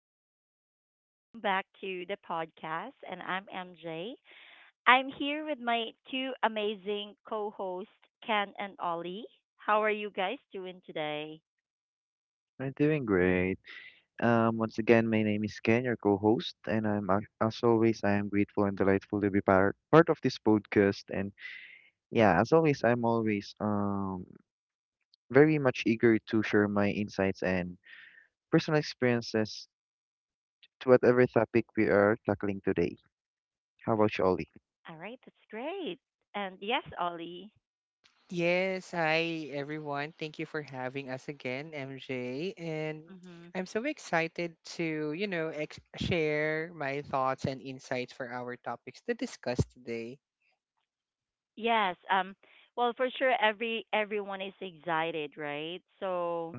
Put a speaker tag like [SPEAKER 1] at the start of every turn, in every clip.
[SPEAKER 1] everyone, welcome back to the podcast, and I'm MJ. I'm here with my two amazing co hosts, Ken and Ollie. How are you guys doing today?
[SPEAKER 2] I'm doing great. Once again, my name is Ken, your co-host, and as always, I am grateful and delightful to be part of this podcast. And yeah, as always, I'm always very much eager to share my insights and personal experiences to whatever topic we are tackling today. How about you, Ollie?
[SPEAKER 1] All right, that's great. And yes, Ollie.
[SPEAKER 3] Yes, hi everyone. Thank you for having us again, MJ. And
[SPEAKER 1] Hmm.
[SPEAKER 3] I'm so excited to, share my thoughts and insights for our topics to discuss today.
[SPEAKER 1] Yes. Well, for sure, everyone is excited, right? So,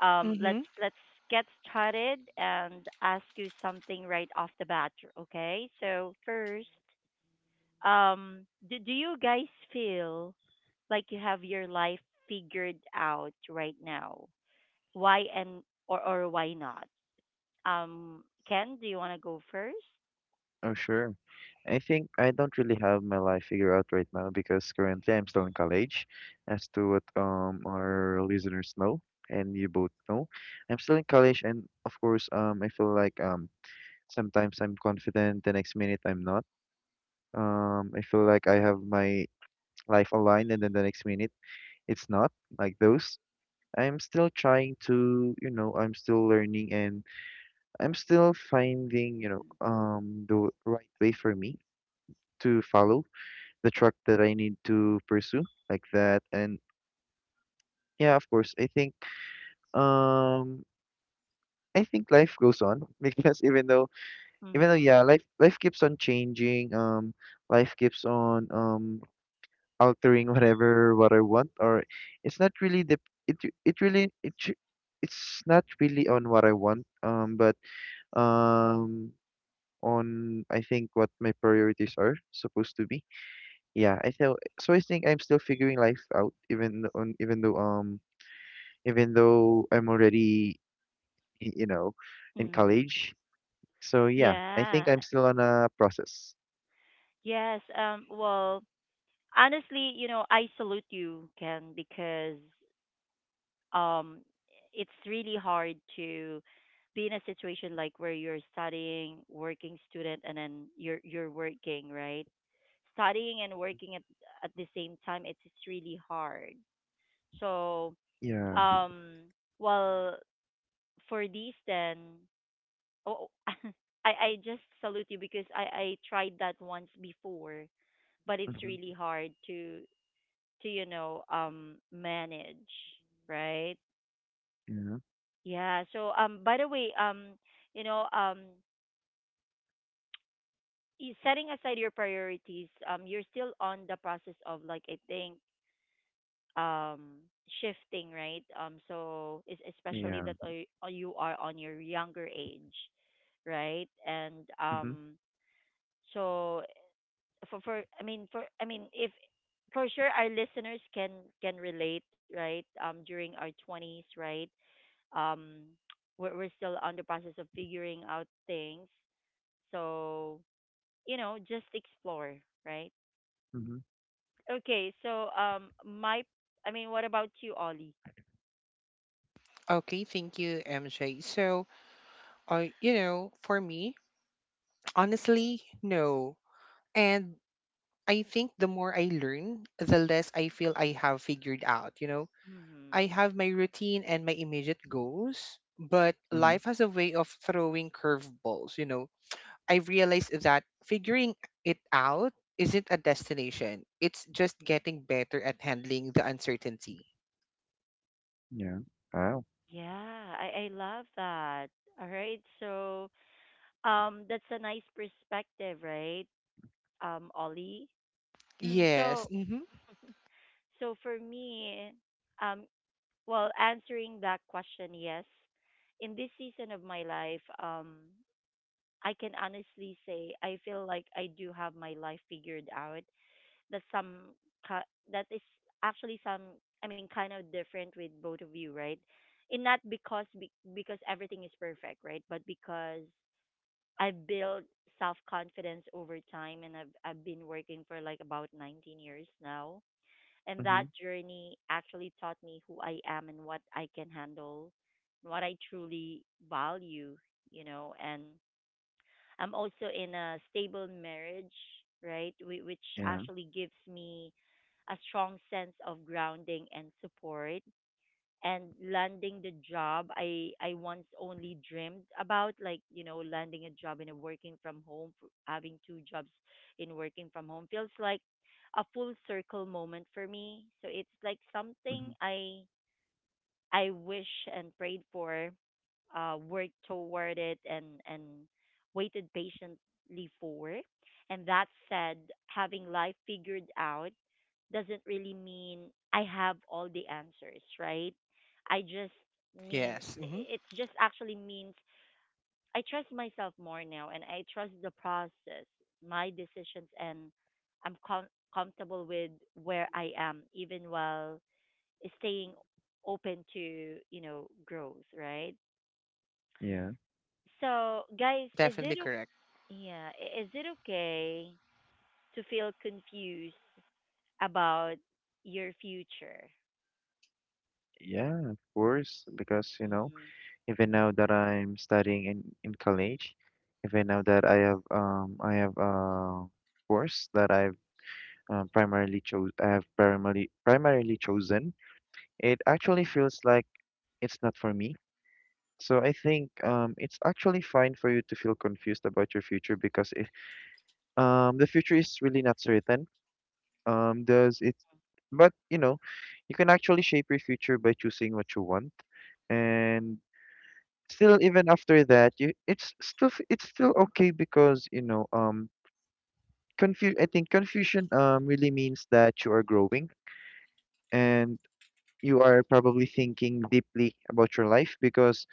[SPEAKER 1] um, let's
[SPEAKER 3] Mm-hmm.
[SPEAKER 1] let's get started and ask you something right off the bat, okay? So first, do you guys feel like you have your life figured out right now? Why and or why not? um Ken, do you want to go first?
[SPEAKER 2] Oh, sure. I think I don't really have my life figured out right now because currently I'm still in college, as to what our listeners know and you both know. I'm still in college and of course I feel like sometimes I'm confident, the next minute I'm not. I feel like I have my life aligned and then the next minute it's not like those. I'm still trying to, you know, I'm still learning and I'm still finding, you know,
[SPEAKER 1] Mm-hmm.
[SPEAKER 2] the right way for me to follow the track that I need to pursue like that. And yeah, of course, I think um I think life goes on because even though
[SPEAKER 1] Mm-hmm.
[SPEAKER 2] yeah, life keeps on changing, life keeps on altering whatever what I want or it's not really the it it really it tr- it's not really on what I want but um on I think what my priorities are supposed to be. Yeah, I feel so I think I'm still figuring life out even th- on even though I'm already, you know, in
[SPEAKER 1] Mm-hmm.
[SPEAKER 2] college. So yeah, I think
[SPEAKER 1] Yeah.
[SPEAKER 2] I'm still on a process.
[SPEAKER 1] Yes um well honestly, you know, I salute you, Ken, because um it's really hard to be in a situation like where you're studying, working student, and then you're working, right? Studying and working at the same time, it's really hard. So
[SPEAKER 2] Yeah.
[SPEAKER 1] um well, for these then, oh, I just salute you, because I tried that once before, but it's really
[SPEAKER 2] Mm-hmm.
[SPEAKER 1] hard to you know, manage, right?
[SPEAKER 2] Yeah.
[SPEAKER 1] Yeah. So by the way, you know, I- setting aside your priorities, you're still on the process of, like, I think, um shifting, right? So is especially
[SPEAKER 2] Yeah.
[SPEAKER 1] that you are on your younger age, right? And
[SPEAKER 2] Mm-hmm.
[SPEAKER 1] so for I mean if for sure, our listeners can relate, right? During our 20s, right? um we're still on the process of figuring out things. So, you know, just explore, right?
[SPEAKER 2] Mm-hmm.
[SPEAKER 1] Okay. So my I mean what about you, Ollie?
[SPEAKER 3] Okay, thank you, MJ. So, you know, for me, honestly, no. And I think the more I learn, the less I feel I have figured out. You know,
[SPEAKER 1] Hmm.
[SPEAKER 3] I have my routine and my immediate goals, but
[SPEAKER 2] Mm-hmm.
[SPEAKER 3] life has a way of throwing curveballs. You know, I realized that figuring it out isn't a destination. It's just getting better at handling the uncertainty.
[SPEAKER 2] Yeah. Wow.
[SPEAKER 1] Yeah, I love that. All right. So that's a nice perspective, right? Ollie.
[SPEAKER 3] Yes.
[SPEAKER 1] So
[SPEAKER 3] Mm-hmm.
[SPEAKER 1] so for me, um well, answering that question, yes. In this season of my life, I can honestly say I feel like I do have my life figured out. That's some ki- that is actually some I mean, kind of different with both of you, right? And not because because everything is perfect, right? But because I built self confidence over time, and I've been working for like about 19 years now, and that
[SPEAKER 2] Mm-hmm.
[SPEAKER 1] journey actually taught me who I am and what I can handle, what I truly value, you know. And I'm also in a stable marriage, right? Which
[SPEAKER 2] Yeah.
[SPEAKER 1] actually gives me a strong sense of grounding and support. And landing the job I once only dreamed about, like, you know, landing a job in a working from home, having two jobs in working from home feels like a full circle moment for me. So it's like something
[SPEAKER 2] Mm-hmm.
[SPEAKER 1] I wish and prayed for, worked toward it, and waited patiently for. And that said, having life figured out doesn't really mean I have all the answers, right? I just mean
[SPEAKER 3] Yes. Mm-hmm.
[SPEAKER 1] I- it's just actually means I trust myself more now, and I trust the process, my decisions, and I'm comfortable with where I am, even while staying open to, you know, growth, right?
[SPEAKER 2] Yeah.
[SPEAKER 1] So, guys, is it
[SPEAKER 3] Definitely
[SPEAKER 1] o-
[SPEAKER 3] correct.
[SPEAKER 1] yeah I- is it okay to feel confused about your future?
[SPEAKER 2] Yeah, of course, because you know,
[SPEAKER 1] Mm-hmm.
[SPEAKER 2] even now that I'm studying in college, even now that I have I have a course that I've primarily chose I have primarily primarily chosen, it actually feels like it's not for me. So I think it's actually fine for you to feel confused about your future because the future is really not certain. Does it? But you know, you can actually shape your future by choosing what you want, and still, even after that, you it's it's still okay because you know confu I think confusion really means that you are growing and you are probably thinking deeply about your life because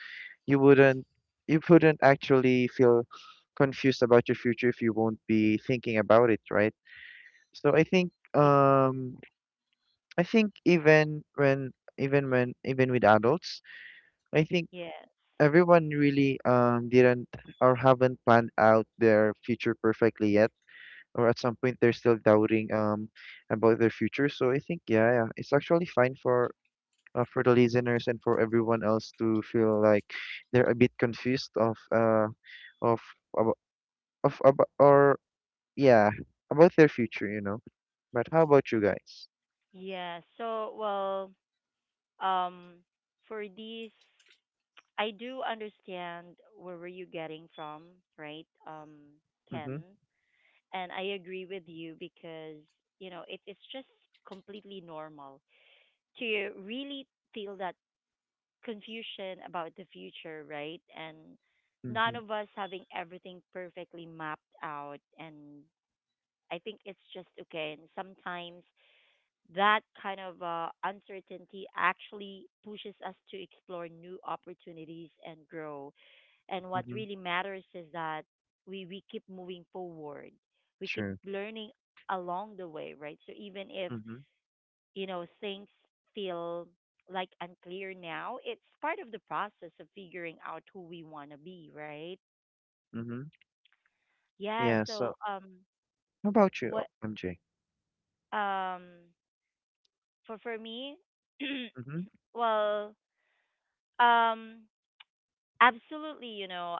[SPEAKER 2] you wouldn't you wouldn't actually feel confused about your future if you won't be thinking about it, right? So I think even when even with adults, I think
[SPEAKER 1] Yes.
[SPEAKER 2] everyone really didn't or haven't planned out their future perfectly yet. Or at some point they're still doubting about their future. So I think yeah, yeah it's actually fine for the listeners and for everyone else to feel like they're a bit confused of of, of or yeah about their future, you know. But how about you guys?
[SPEAKER 1] Yeah. So, well, um for these, I do understand where were you getting from, right? Ken,
[SPEAKER 2] Mm-hmm.
[SPEAKER 1] and I agree with you because, you know, it's just completely normal to really feel that confusion about the future, right? And none
[SPEAKER 2] Mm-hmm.
[SPEAKER 1] of us having everything perfectly mapped out. And I think it's just okay. And sometimes that kind of uncertainty actually pushes us to explore new opportunities and grow. And what
[SPEAKER 2] Mm-hmm.
[SPEAKER 1] really matters is that we keep moving forward, we keep
[SPEAKER 2] Sure.
[SPEAKER 1] learning along the way, right? So even if,
[SPEAKER 2] Mm-hmm.
[SPEAKER 1] you know, things feel like unclear now, it's part of the process of figuring out who we want to be, right?
[SPEAKER 2] Mm-hmm.
[SPEAKER 1] Yeah.
[SPEAKER 2] Yeah, so
[SPEAKER 1] So
[SPEAKER 2] how about you,
[SPEAKER 1] what
[SPEAKER 2] MJ?
[SPEAKER 1] um for me,
[SPEAKER 2] Mm-hmm.
[SPEAKER 1] well, um absolutely, you know,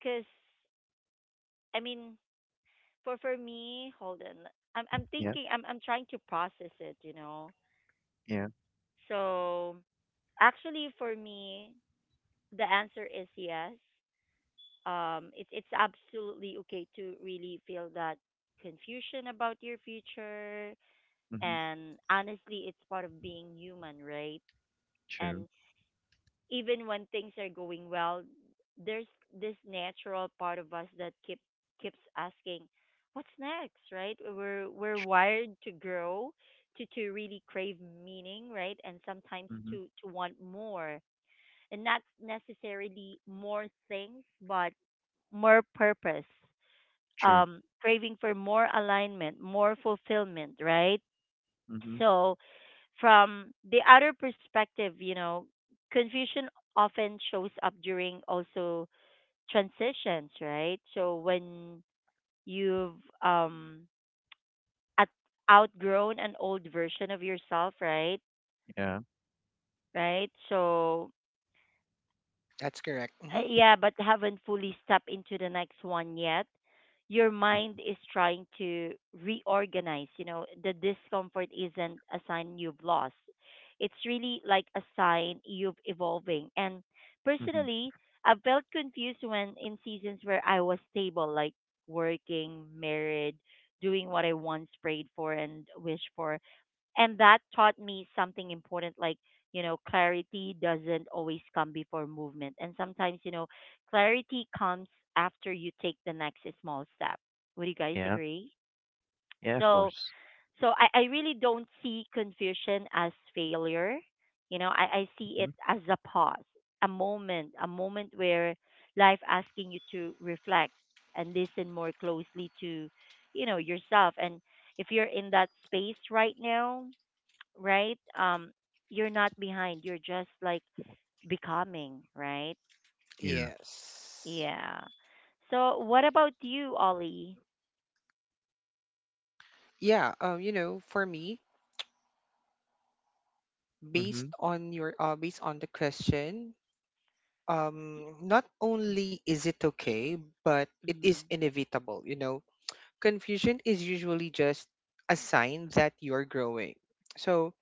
[SPEAKER 1] cuz I mean for me hold on, I'm
[SPEAKER 2] Yeah.
[SPEAKER 1] thinking, I'm trying to process it, you know.
[SPEAKER 2] Yeah.
[SPEAKER 1] So, actually, for me, the answer is yes. Um, it's absolutely okay to really feel that confusion about your future.
[SPEAKER 2] Mm-hmm.
[SPEAKER 1] And honestly, it's part of being human, right?
[SPEAKER 2] True.
[SPEAKER 1] And even when things are going well, there's this natural part of us that keeps asking, "What's next?" Right? We're wired to grow, to really crave meaning, right? And sometimes
[SPEAKER 2] Mm-hmm.
[SPEAKER 1] to want more, and not necessarily more things, but more purpose,
[SPEAKER 2] True.
[SPEAKER 1] craving for more alignment, more fulfillment, right?
[SPEAKER 2] Mm-hmm.
[SPEAKER 1] So, from the outer perspective, you know, confusion often shows up during also transitions, right? So, when you've um, at- outgrown an old version of yourself, right?
[SPEAKER 2] Yeah.
[SPEAKER 1] Right? So,
[SPEAKER 3] That's correct. Hmm.
[SPEAKER 1] uh, yeah, but haven't fully stepped into the next one yet. Your mind is trying to reorganize. You know, the discomfort isn't a sign you've lost. It's really like a sign you've evolving. And
[SPEAKER 2] Mm-hmm.
[SPEAKER 1] personally, I felt confused when in seasons where I was stable, like working, married, doing what I once prayed for and wished for, and that taught me something important, like, you know, clarity doesn't always come before movement. And sometimes, you know, clarity comes after you take the next small step. Would you guys
[SPEAKER 2] Yeah.
[SPEAKER 1] agree?
[SPEAKER 2] Yeah, of
[SPEAKER 1] So
[SPEAKER 2] course.
[SPEAKER 1] I really don't see confusion as failure. You know, I see it
[SPEAKER 2] Mm-hmm.
[SPEAKER 1] as a pause, a moment where life asking you to reflect and listen more closely to, you know, yourself. And if you're in that space right now, right? You're not behind. You're just like becoming, right?
[SPEAKER 2] Yeah.
[SPEAKER 3] Yes.
[SPEAKER 1] Yeah. So what about you, Ollie?
[SPEAKER 3] Yeah. You know, for me, based
[SPEAKER 2] Mm-hmm.
[SPEAKER 3] on your based on the question, not only is it okay, but it is
[SPEAKER 1] Mm,
[SPEAKER 3] inevitable. You know, confusion is usually just a sign that you're growing. So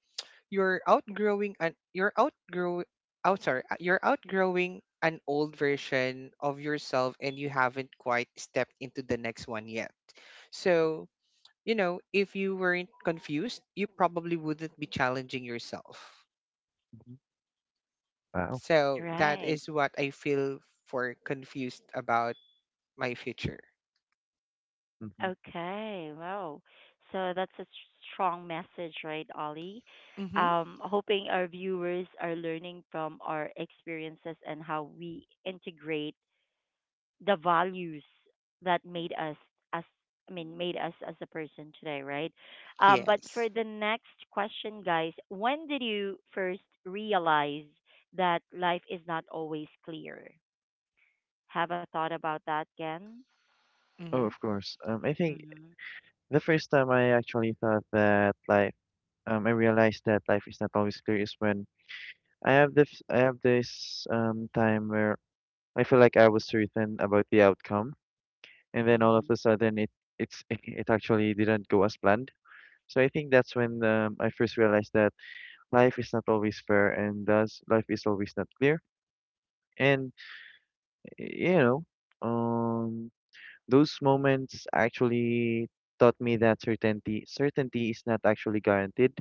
[SPEAKER 3] you're outgrowing and you're outgrow. You're outgrowing an old version of yourself, and you haven't quite stepped into the next one yet. So you know, if you weren't confused, you probably wouldn't be challenging yourself.
[SPEAKER 2] Mm-hmm. Wow.
[SPEAKER 3] So that
[SPEAKER 1] right.
[SPEAKER 3] is what I feel for confused about my future.
[SPEAKER 2] Hmm.
[SPEAKER 1] Okay. Wow. So that's a strong message, right, Ollie?
[SPEAKER 3] Mm-hmm.
[SPEAKER 1] Hoping our viewers are learning from our experiences and how we integrate the values that made us as, I mean, made us as a person today, right? But for
[SPEAKER 3] Yes.
[SPEAKER 1] the next question, guys, when did you first realize that life is not always clear? Have a thought about that, Ken?
[SPEAKER 2] Oh,
[SPEAKER 3] Mm-hmm.
[SPEAKER 2] of course. I think
[SPEAKER 1] Mm-hmm.
[SPEAKER 2] the first time I actually thought that I realized that life is not always clear is when I have this time where I feel like I was certain about the outcome, and then all
[SPEAKER 1] Mm-hmm.
[SPEAKER 2] of a sudden it's it actually didn't go as planned. So I think that's when I first realized that life is not always fair, and thus life is always not clear. And you know, um, those moments actually taught me that certainty is not actually guaranteed.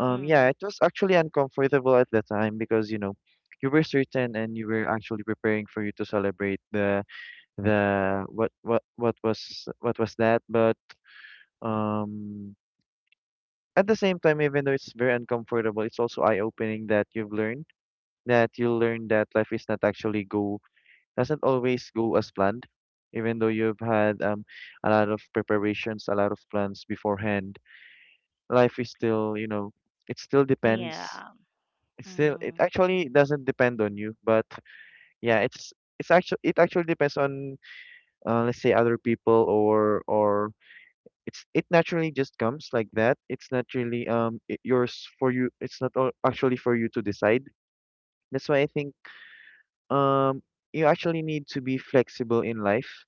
[SPEAKER 2] Yeah,
[SPEAKER 1] Mm.
[SPEAKER 2] it was actually uncomfortable at the time because, you know, you were certain and you were actually preparing for you to celebrate the what was that, but um at the same time, even though it's very uncomfortable, it's also eye-opening that you learn that life is not actually go doesn't always go as planned, even though you've had a lot of preparations, a lot of plans beforehand. Life is still, you know, it still
[SPEAKER 1] Yeah.
[SPEAKER 2] depends It's still
[SPEAKER 1] Mm.
[SPEAKER 2] it actually doesn't depend on you, but yeah, it actually depends on let's say other people or it's it naturally just comes like that. It's naturally yours for you. It's not all, actually for you to decide. That's why I think um you actually need to be flexible in life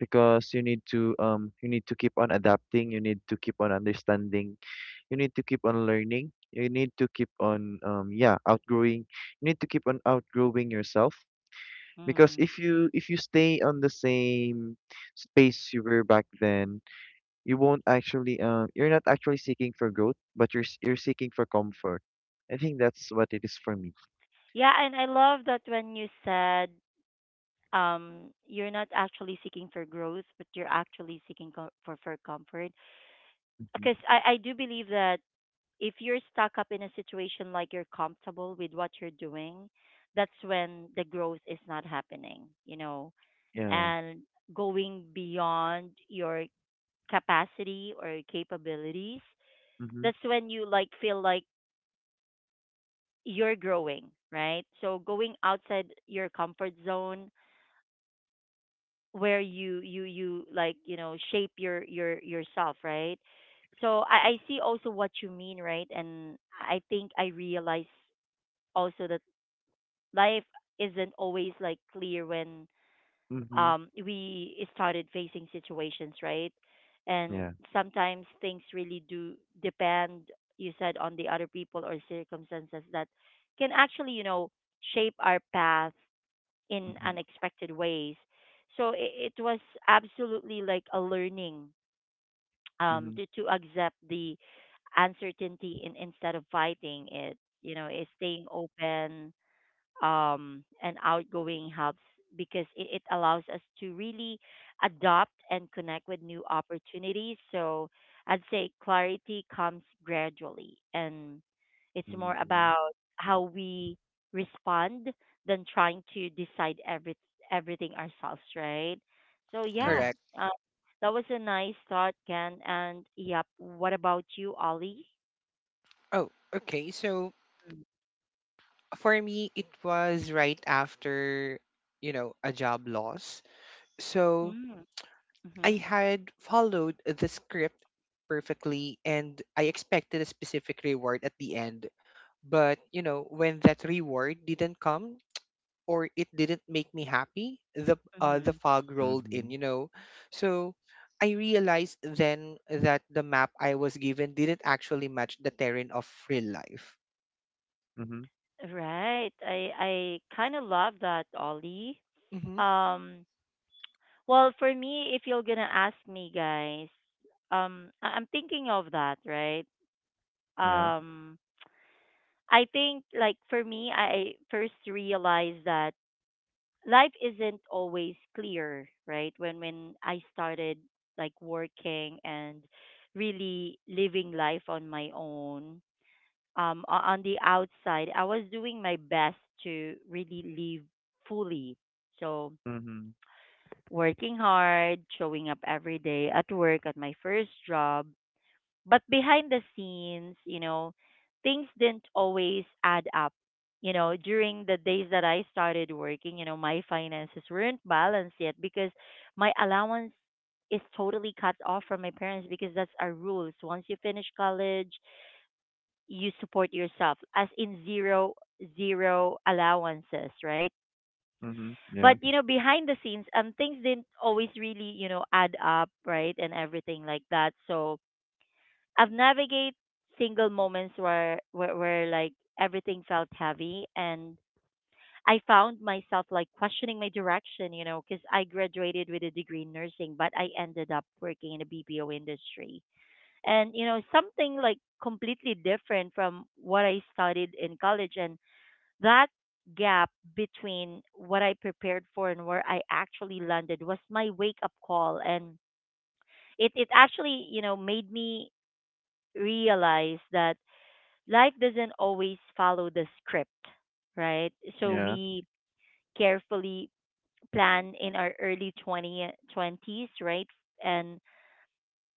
[SPEAKER 2] because you need to keep on adapting. You need to keep on understanding. You need to keep on learning. You need to keep on yeah outgrowing you need to keep on outgrowing yourself. Because
[SPEAKER 1] Mm.
[SPEAKER 2] if you stay on the same space you were back then, you're not actually seeking for growth, but you're seeking for comfort. I think that's what it is for me.
[SPEAKER 1] Yeah, and I love that when you said, um, you're not actually seeking for growth, but you're actually seeking for comfort, because
[SPEAKER 2] Hmm.
[SPEAKER 1] I do believe that if you're stuck up in a situation, like you're comfortable with what you're doing, that's when the growth is not happening, you know,
[SPEAKER 2] Yeah.
[SPEAKER 1] and going beyond your capacity or capabilities,
[SPEAKER 2] Mm-hmm.
[SPEAKER 1] that's when you like feel like you're growing, right? So going outside your comfort zone where you like, you know, shape your yourself, right? So I see also what you mean, right? And I think I realize also that life isn't always like clear when,
[SPEAKER 2] Mm-hmm.
[SPEAKER 1] um, we started facing situations, right? And
[SPEAKER 2] Yeah.
[SPEAKER 1] sometimes things really do depend, you said, on the other people or circumstances that can actually, you know, shape our path in
[SPEAKER 2] Mm-hmm.
[SPEAKER 1] unexpected ways. So it was absolutely like a learning, um,
[SPEAKER 2] Mm-hmm.
[SPEAKER 1] to accept the uncertainty instead of fighting it, you know, is staying open, and outgoing helps because it allows us to really adopt and connect with new opportunities. So I'd say clarity comes gradually, and it's more
[SPEAKER 2] Mm-hmm.
[SPEAKER 1] about how we respond than trying to decide everything ourselves, right? So,
[SPEAKER 2] Yeah.
[SPEAKER 1] yeah,
[SPEAKER 3] Correct.
[SPEAKER 1] um, that was a nice thought, Ken. And, yep, what about you, Ollie?
[SPEAKER 3] Oh, okay. So for me, it was right after, you know, a job loss. So
[SPEAKER 1] Mm-hmm.
[SPEAKER 3] I
[SPEAKER 1] Mm-hmm.
[SPEAKER 3] had followed the script perfectly and I expected a specific reward at the end. But, you know, when that reward didn't come, or it didn't make me happy, the fog rolled in,
[SPEAKER 2] Mm-hmm.
[SPEAKER 3] you know. So I realized then that the map I was given didn't actually match the terrain of real life.
[SPEAKER 2] Mm-hmm.
[SPEAKER 1] Right. I kind of love that, Ollie.
[SPEAKER 3] Hmm.
[SPEAKER 1] Um, well, for me, if you're gonna ask me, guys, I'm thinking of that, right?
[SPEAKER 2] Yeah.
[SPEAKER 1] Um, I think, like, for me, I first realized that life isn't always clear, right? When I started like working and really living life on my own, on the outside, I was doing my best to really live fully. So,
[SPEAKER 2] Mm-hmm.
[SPEAKER 1] working hard, showing up every day at work, at my first job. But behind the scenes, you know, things didn't always add up. You know, during the days that I started working, you know, my finances weren't balanced yet because my allowance is totally cut off from my parents, because that's our rules. Once you finish college, you support yourself, as in zero allowances, right?
[SPEAKER 2] Mm-hmm. Yeah.
[SPEAKER 1] But you know, behind the scenes, um, things didn't always really, you know, add up, right, and everything like that. So I've navigated single moments where where like everything felt heavy, and I found myself like questioning my direction, you know, because I graduated with a degree in nursing, but I ended up working in the BPO industry. And, you know, something like completely different from what I studied in college. And that gap between what I prepared for and where I actually landed was my wake up call, and it actually, you know, made me realize that life doesn't always follow the script, right? So
[SPEAKER 2] Yeah.
[SPEAKER 1] we carefully plan in our early 20 twenties, right? And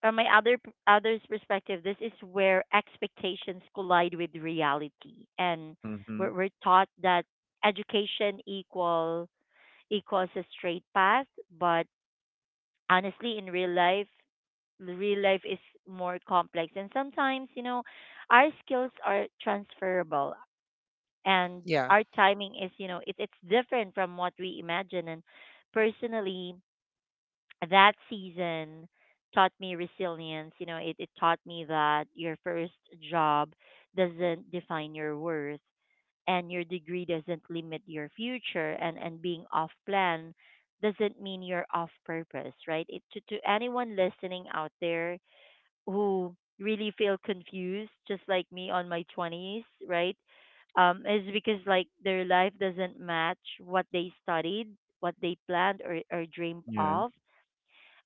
[SPEAKER 1] from my others' perspective, this is where expectations collide with reality and
[SPEAKER 2] Mm-hmm.
[SPEAKER 1] we're taught that education equals a straight path, but honestly, in real life is more complex. And sometimes, you know, our skills are transferable and
[SPEAKER 3] Yeah,
[SPEAKER 1] our timing is, you know, it's different from what we imagine. And personally, that season taught me resilience. You know, it taught me that your first job doesn't define your worth and your degree doesn't limit your future and being off plan doesn't mean you're off purpose, right? To anyone listening out there who really feel confused, just like me on my 20s, right? Is because like their life doesn't match what they studied, what they planned or dreamed
[SPEAKER 2] Yeah.
[SPEAKER 1] of.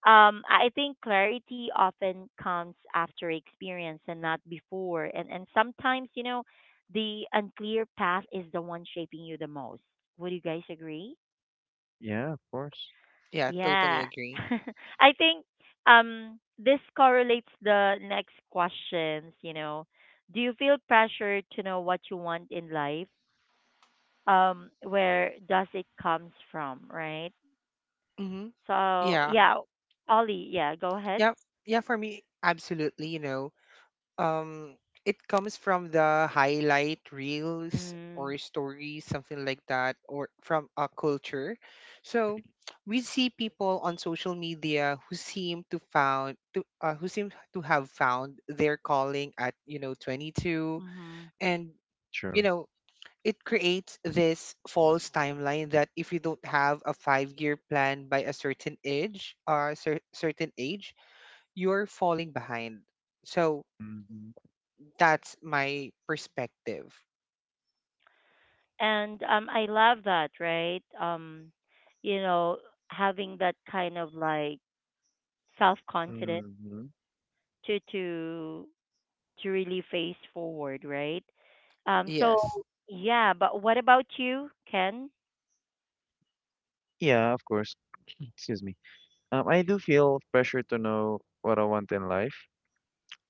[SPEAKER 1] I think clarity often comes after experience and not before. And sometimes, you know, the unclear path is the one shaping you the most. Would you guys agree?
[SPEAKER 2] Yeah, of course.
[SPEAKER 3] yeah, totally
[SPEAKER 1] Yeah.
[SPEAKER 3] agree.
[SPEAKER 1] I think this correlates the next questions, you know. Do you feel pressure to know what you want in life? Um, where does it comes from, right?
[SPEAKER 3] Hmm.
[SPEAKER 1] So,
[SPEAKER 3] Yeah,
[SPEAKER 1] yeah, Ollie, yeah, go ahead.
[SPEAKER 3] yeah, yeah. For me, absolutely. You know, um, it comes from the highlight reels
[SPEAKER 1] Mm.
[SPEAKER 3] or stories, something like that, or from a culture. So we see people on social media who seem to have found their calling at, you know, 22.
[SPEAKER 1] Mhm.
[SPEAKER 3] And you
[SPEAKER 2] Sure.
[SPEAKER 3] know, it creates this false timeline that if you don't have a 5-year plan by a certain age or a certain age, you're falling behind. So
[SPEAKER 2] Mm-hmm.
[SPEAKER 3] that's my perspective.
[SPEAKER 1] And I love that, right? You know, having that kind of like self confidence
[SPEAKER 2] Mm-hmm.
[SPEAKER 1] to to to really face forward, right? So
[SPEAKER 3] Yes.
[SPEAKER 1] yeah, but what about you, Ken?
[SPEAKER 2] Yeah, of course. Excuse me. I do feel pressure to know what I want in life.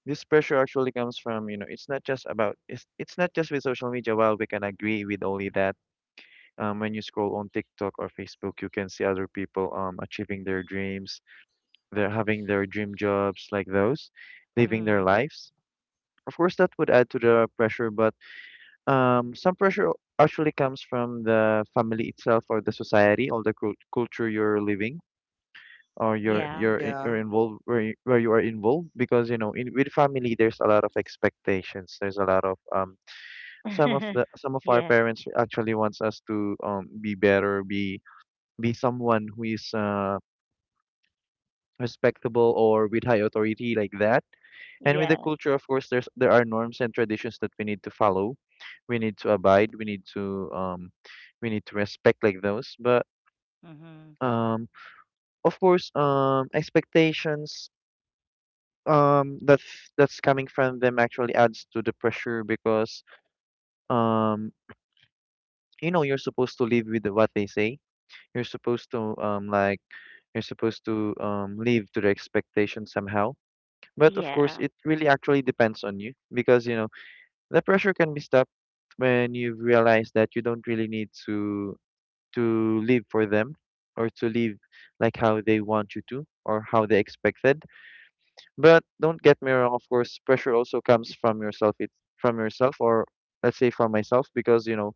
[SPEAKER 2] This pressure actually comes from, you know, it's not just with social media. While we can agree with only that, when you scroll on TikTok or Facebook, you can see other people achieving their dreams, they're having their dream jobs like those, living their
[SPEAKER 1] Mm,
[SPEAKER 2] lives. Of course, that would add to the pressure, but some pressure actually comes from the family itself or the society or the culture you're living or
[SPEAKER 1] yeah,
[SPEAKER 3] Hmm.
[SPEAKER 2] you're you're
[SPEAKER 3] Yeah.
[SPEAKER 2] involved, where where you are involved, because you know in with family there's a lot of expectations, there's a lot of some of our
[SPEAKER 1] yeah,
[SPEAKER 2] parents actually wants us to be better, be someone who is respectable or with high authority like that. And with the
[SPEAKER 1] yes,
[SPEAKER 2] culture, of course, there are norms and traditions that we need to follow, we need to abide, we need to respect like those. But
[SPEAKER 1] mhm,
[SPEAKER 2] um of course expectations, um that's that's coming from them actually adds to the pressure because um you know you're supposed to live with what they say, you're supposed to like you're supposed to live to the expectation somehow. But of course
[SPEAKER 1] yeah,
[SPEAKER 2] it really actually depends on you because you know the pressure can be stopped when you realize that you don't really need to live for them or to live like how they want you to or how they expected. But don't get me wrong, of course, pressure also comes from yourself. It's from yourself or let's say from myself because, you know,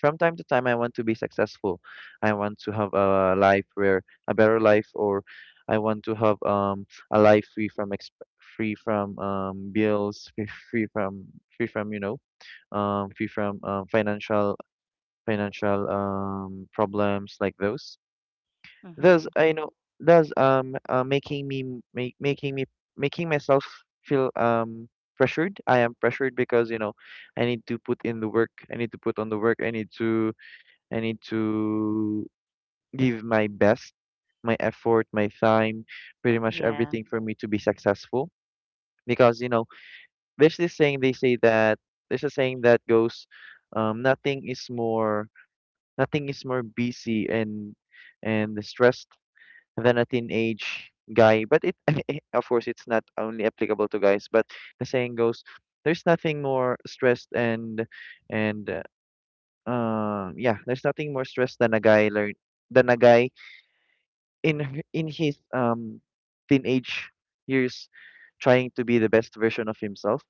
[SPEAKER 2] from time to time I want to be successful. I want to have a life where a better life or I want to have a life free from free from bills, free from, you know, free from financial financial problems like those. Thus
[SPEAKER 1] mhm,
[SPEAKER 2] you know, thus making me m- make, making me making myself feel pressured. I am pressured because you know I need to put in the work, I need to put on the work, I need to I need to give my best, my effort, my time, pretty much
[SPEAKER 1] yeah,
[SPEAKER 2] everything for me to be successful. Because you know there's this saying they say that there's a saying that goes nothing is more nothing is more busy and stressed than a teenage guy. But it, of course, it's not only applicable to guys. But the saying goes, there's nothing more stressed and and uh, yeah, there's nothing more stressed than a guy learn than a guy in in his teenage years trying to be the best version of himself,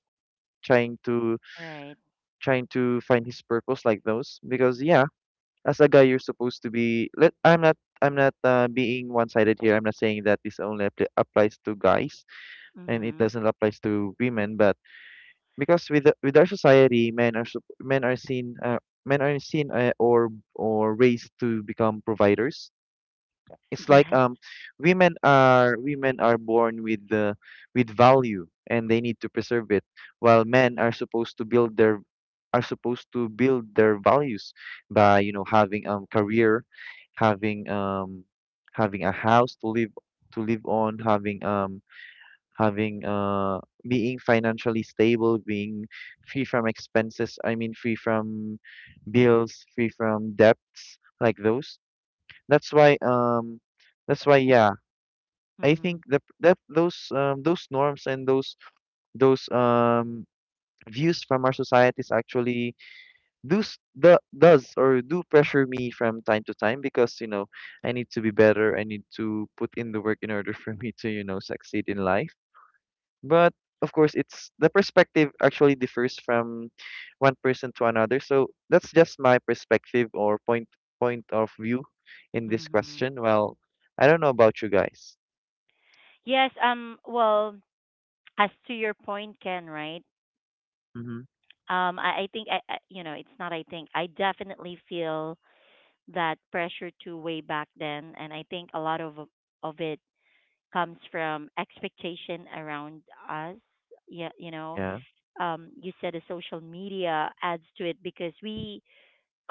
[SPEAKER 2] trying to
[SPEAKER 1] right,
[SPEAKER 2] trying to find his purpose like those. Because yeah, as a guy you're supposed to be, let I'm not being one-sided here. I'm not saying that this only appli applies to guys and it
[SPEAKER 1] mhm,
[SPEAKER 2] doesn't apply to women. But because with our society, men are seen or raised to become providers. It's like
[SPEAKER 1] yes,
[SPEAKER 2] women are born with the with value and they need to preserve it, while men are supposed to build their are supposed to build their values by, you know, having career, having having a house to live on, having having uh being financially stable, being free from expenses, I mean free from bills, free from debts, like those. That's why um that's why, yeah, I
[SPEAKER 1] mhm,
[SPEAKER 2] think that those norms and those views from our societies actually do s- do, does or do pressure me from time to time because I need to be better. I need to put in the work in order for me to succeed in life. But of course, it's the perspective actually differs from one person to another. So that's just my perspective or point of view in this
[SPEAKER 1] mhm.
[SPEAKER 2] question. Well, I don't know about you guys.
[SPEAKER 1] Yes, well, as to your point, Ken, right?
[SPEAKER 2] Mm-hmm.
[SPEAKER 1] I think I you know it's not I think I definitely feel that pressure to way back then and I think a lot of it comes from expectation around us, yeah, you know.
[SPEAKER 2] Yeah.
[SPEAKER 1] You said the social media adds to it because we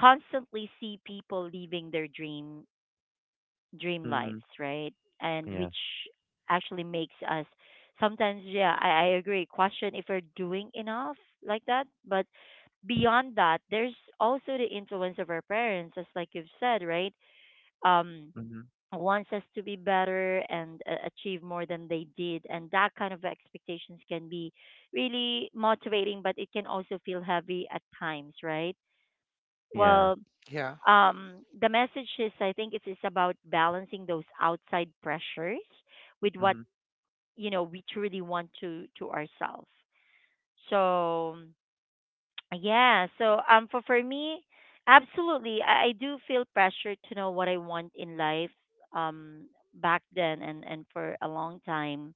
[SPEAKER 1] constantly see people leaving their dream
[SPEAKER 2] Mm-hmm.
[SPEAKER 1] lives, right? And
[SPEAKER 2] Yeah.
[SPEAKER 1] which actually makes us sometimes, yeah, I agree, question if we're doing enough like that. But beyond that, there's also the influence of our parents, as like you've said, right? Um,
[SPEAKER 2] Mm-hmm.
[SPEAKER 1] wants us to be better and achieve more than they did, and that kind of expectations can be really motivating, but it can also feel heavy at times, right?
[SPEAKER 2] Yeah.
[SPEAKER 1] Well,
[SPEAKER 3] Yeah.
[SPEAKER 1] the message is I think it is about balancing those outside pressures with what
[SPEAKER 2] Mm-hmm.
[SPEAKER 1] you know we truly want to ourselves. So yeah, so for me, absolutely, I do feel pressure to know what I want in life, um back then and for a long time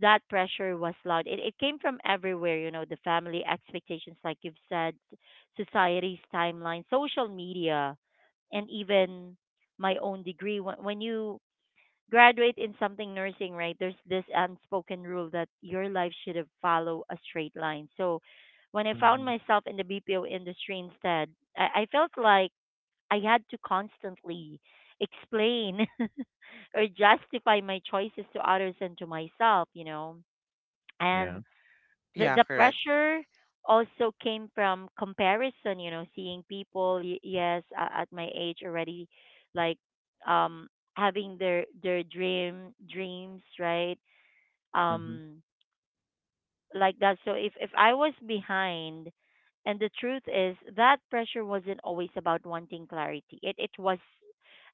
[SPEAKER 1] that pressure was loud. It came from everywhere, you know, the family expectations, like you've said, society's timeline, social media, and even my own degree. When you graduate in something nursing, right, there's this unspoken rule that your life should have follow a straight line. So when I found
[SPEAKER 2] Mm-hmm.
[SPEAKER 1] myself in the BPO industry instead, I felt like I had to constantly explain or justify my choices to others and to myself, you know.
[SPEAKER 2] Yeah.
[SPEAKER 1] And
[SPEAKER 3] Yeah.
[SPEAKER 1] the
[SPEAKER 3] Correct.
[SPEAKER 1] pressure also came from comparison, you know, seeing people yes at my age already, like, um, having their their dreams, right?
[SPEAKER 2] Mm-hmm.
[SPEAKER 1] Um, like that. So if I was behind. And the truth is that pressure wasn't always about wanting clarity, it was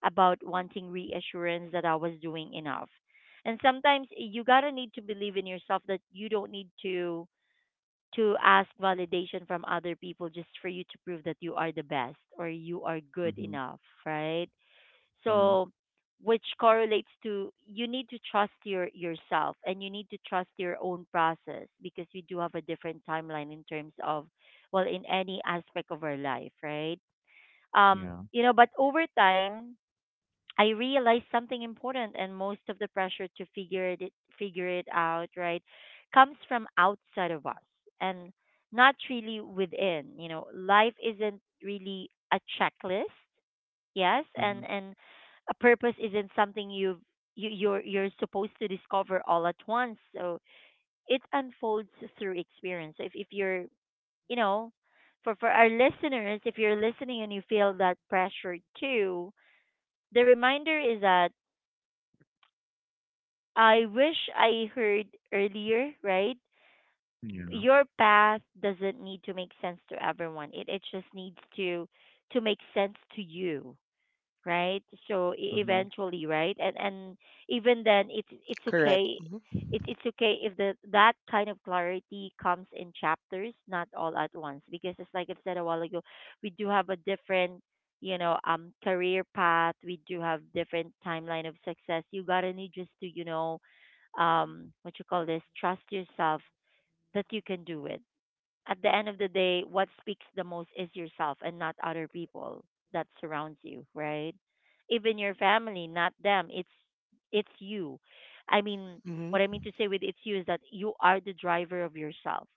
[SPEAKER 1] about wanting reassurance that I was doing enough. And sometimes you gotta need to believe in yourself that you don't need to ask validation from other people just for you to prove that you are the best or you are good
[SPEAKER 2] Mm-hmm.
[SPEAKER 1] enough, right?
[SPEAKER 2] Mm-hmm.
[SPEAKER 1] So which correlates to you need to trust your yourself and you need to trust your own process because we do have a different timeline in terms of, well, in any aspect of our life, right?
[SPEAKER 2] Yeah.
[SPEAKER 1] You know, but over time I realized something important, and most of the pressure to figure it out, right, comes from outside of us and not really within. You know, life isn't really a checklist, yes,
[SPEAKER 2] Mm-hmm.
[SPEAKER 1] and a purpose isn't something you've you're supposed to discover all at once. So it unfolds through experience. So if you're you know, for our listeners, if you're listening and you feel that pressure too, the reminder is that I wish I heard earlier, right?
[SPEAKER 2] Yeah.
[SPEAKER 1] Your path doesn't need to make sense to everyone. It just needs to make sense to you, right? So
[SPEAKER 2] Mm-hmm.
[SPEAKER 1] eventually, right? And even then, it's
[SPEAKER 3] Correct.
[SPEAKER 1] okay.
[SPEAKER 3] Hmm.
[SPEAKER 1] It's okay if the that kind of clarity comes in chapters, not all at once. Because it's like I've said a while ago, we do have a different, you know, career path. We do have different timeline of success. You gotta need just to, you know, what you call this, trust yourself that you can do it. At the end of the day, what speaks the most is yourself and not other people that surrounds you, right? Even your family, not them. It's you. I mean,
[SPEAKER 3] Hmm.
[SPEAKER 1] what I mean to say with it's you is that you are the driver of yourself.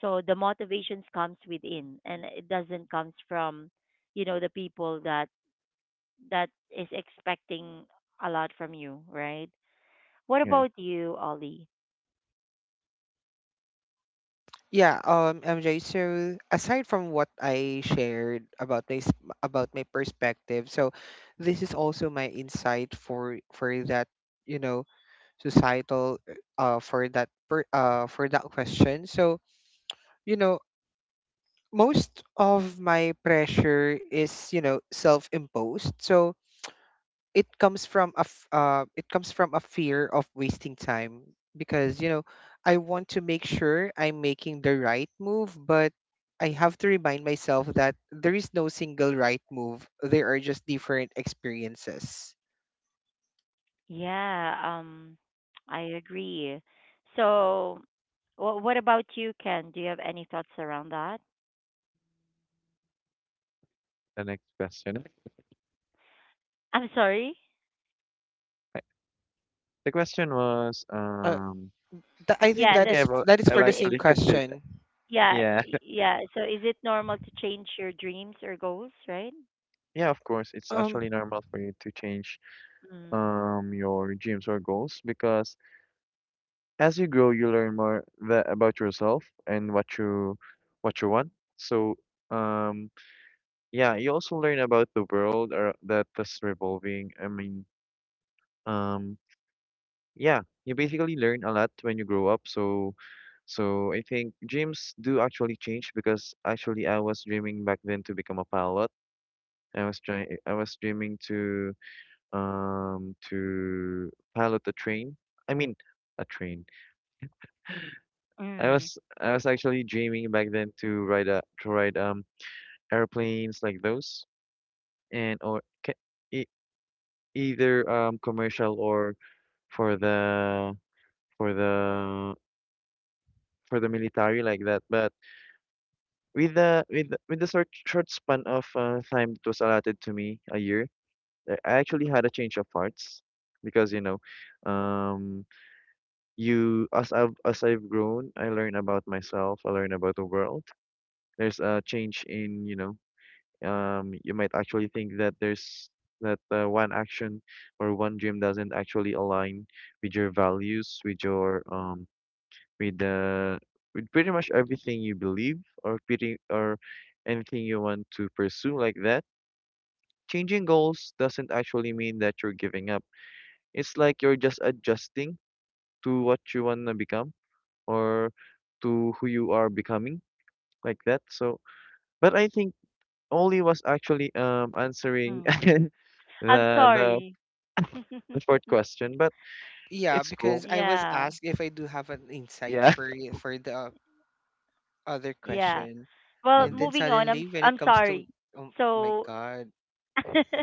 [SPEAKER 1] So the motivations comes within, and it doesn't comes from, you know, the people that that is expecting a lot from you, right? What
[SPEAKER 2] Okay.
[SPEAKER 1] about you, Ollie?
[SPEAKER 3] Yeah. MJ. So aside from what I shared about this, about my perspective, so this is also my insight for that, you know, societal, for that question. So you know, most of my pressure is, you know, self imposed. So it comes from it comes from a fear of wasting time, because you know I want to make sure I'm making the right move, but I have to remind myself that there is no single right move. There are just different experiences.
[SPEAKER 1] Yeah, I agree. So, what about you, Ken? Do you have any thoughts around that?
[SPEAKER 2] The next question.
[SPEAKER 1] I'm sorry.
[SPEAKER 2] I- The question was,
[SPEAKER 3] Uh, I think
[SPEAKER 2] I
[SPEAKER 1] Yeah, the
[SPEAKER 3] that
[SPEAKER 2] think
[SPEAKER 3] is,
[SPEAKER 2] I've al-
[SPEAKER 3] that is
[SPEAKER 2] I've
[SPEAKER 3] for
[SPEAKER 1] is
[SPEAKER 3] the
[SPEAKER 1] it
[SPEAKER 3] same
[SPEAKER 2] actually answered that.
[SPEAKER 3] question.
[SPEAKER 1] yeah,
[SPEAKER 2] Yeah.
[SPEAKER 1] yeah. So, is it normal to change your dreams or goals, right?
[SPEAKER 2] Yeah, of course, it's
[SPEAKER 3] Um,
[SPEAKER 2] actually normal for you to change
[SPEAKER 1] Mm.
[SPEAKER 2] your dreams or goals because as you grow, you learn more tha about yourself and what you want. So, um, yeah, you also learn about the world or that is revolving. I mean, um, yeah, you basically learn a lot when you grow up. So, so I think dreams do actually change because actually I was dreaming back then to become a pilot. I was trying, I was dreaming to. To pilot a train. I mean, a train.
[SPEAKER 1] Mm.
[SPEAKER 2] I was actually dreaming back then to ride a to ride airplanes like those and or ca- e either commercial or for the for the for the military like that. But with the with the- with the short span of time that was allotted to me, a year, I actually had a change of hearts because you know, um. You as I've grown, I learn about myself, I learn about the world. There's a change in, you know, you might actually think that there's that one action or one dream doesn't actually align with your values, with your with the with pretty much everything you believe or pretty or anything you want to pursue like that. Changing goals doesn't actually mean that you're giving up. It's like you're just adjusting to what you want to become or to who you are becoming like that. So but I think Oli was actually answering
[SPEAKER 1] Mm. I'm
[SPEAKER 2] the
[SPEAKER 1] sorry.
[SPEAKER 2] the fourth question but
[SPEAKER 3] yeah,
[SPEAKER 2] it's cool
[SPEAKER 3] because I was
[SPEAKER 1] Yeah.
[SPEAKER 3] asked if I do have an insight
[SPEAKER 2] yeah
[SPEAKER 3] for for the other
[SPEAKER 1] Yeah.
[SPEAKER 3] question,
[SPEAKER 1] Well,
[SPEAKER 3] and
[SPEAKER 2] mhm
[SPEAKER 3] then
[SPEAKER 1] moving on.
[SPEAKER 3] suddenly when it
[SPEAKER 1] I'm
[SPEAKER 3] comes to,
[SPEAKER 1] sorry.
[SPEAKER 3] oh my
[SPEAKER 1] So,
[SPEAKER 3] god.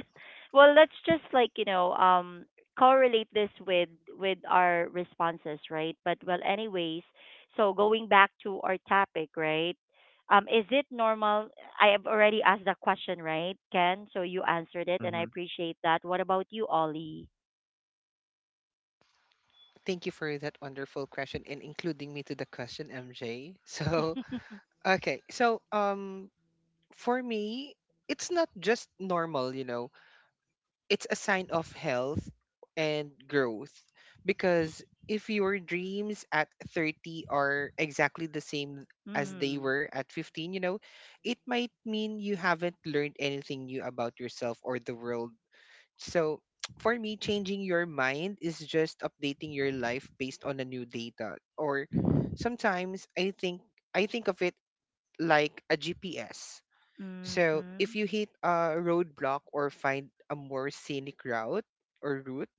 [SPEAKER 1] well, let's just like you know correlate this with our responses, right? But well, anyways, so going back to our topic, right? Is it normal? I have already asked that question, right, Ken? So you answered it, and I
[SPEAKER 2] mhm
[SPEAKER 1] appreciate that. What about you, Ollie?
[SPEAKER 3] Thank you for that wonderful question and including me to the question, MJ. So, okay. So, for me, it's not just normal, you know, it's a sign of health and growth, because if your dreams at 30 are exactly the same as they
[SPEAKER 1] Mm.
[SPEAKER 3] were at 15, you know, it might mean you haven't learned anything new about yourself or the world. So, for me, changing your mind is just updating your life based on a new data. Or sometimes I think, I think of it like a GPS. So,
[SPEAKER 1] Mhm.
[SPEAKER 3] if you hit a roadblock or find a more scenic route or route,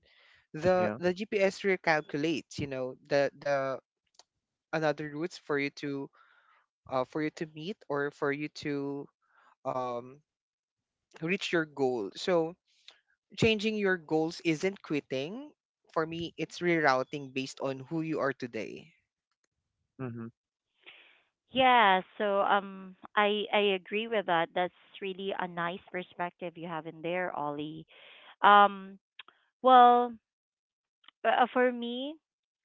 [SPEAKER 3] the
[SPEAKER 2] yeah
[SPEAKER 3] the GPS recalculates, you know, the another routes for you to, for you to meet or for you to um reach your goal. So, changing your goals isn't quitting. For me, it's rerouting based on who you are today.
[SPEAKER 2] mhm
[SPEAKER 1] Yeah, so I agree with that. That's really a nice perspective you have in there, Ollie. Um, well, for me,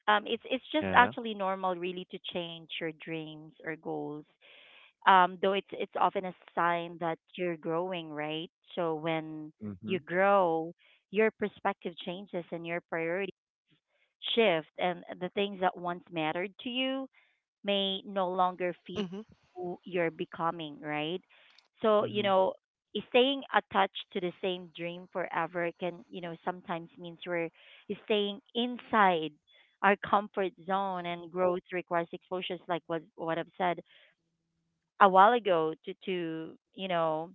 [SPEAKER 1] it's just
[SPEAKER 2] yeah
[SPEAKER 1] actually normal, really, to change your dreams or goals. Though it's often a sign that you're growing, right? So when you
[SPEAKER 2] mhm
[SPEAKER 1] grow, your perspective changes and your priorities shift, and the things that once mattered to you may no longer fit
[SPEAKER 3] Mm-hmm.
[SPEAKER 1] who you're becoming, right? So, you
[SPEAKER 2] mhm
[SPEAKER 1] know, staying attached to the same dream forever can, you know, sometimes means we're staying inside our comfort zone, and growth requires exposures like what I've said a while ago to you know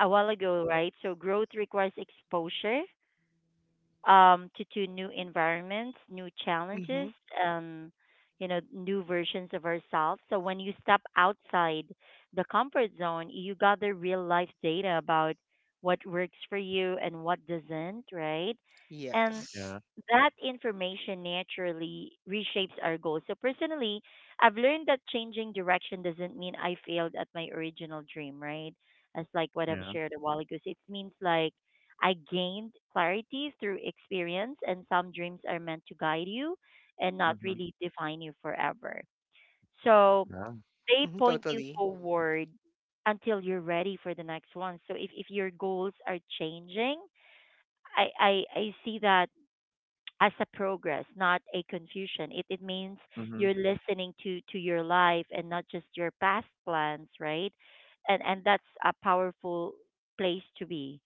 [SPEAKER 1] a while ago, right? So growth requires exposure to new environments, new
[SPEAKER 3] Mm-hmm.
[SPEAKER 1] challenges, um, you know, new versions of ourselves. So when you step outside the comfort zone, you gather real life data about what works for you and what doesn't, right? And
[SPEAKER 3] Yes.
[SPEAKER 2] yeah
[SPEAKER 1] that information naturally reshapes our goals. So personally, I've learned that changing direction doesn't mean I failed at my original dream, right? As like what I've
[SPEAKER 2] yeah
[SPEAKER 1] shared a while ago. So it means like I gained clarity through experience, and some dreams are meant to guide you and not
[SPEAKER 2] mhm
[SPEAKER 1] really define you forever. So
[SPEAKER 2] yeah
[SPEAKER 1] they
[SPEAKER 3] Mm-hmm,
[SPEAKER 1] point you
[SPEAKER 3] totally.
[SPEAKER 1] forward until you're ready for the next one. So if your goals are changing, I see that as a progress, not a confusion. It means
[SPEAKER 2] mhm of
[SPEAKER 1] you're listening to your life and not just your past plans, right? And that's a powerful place to be,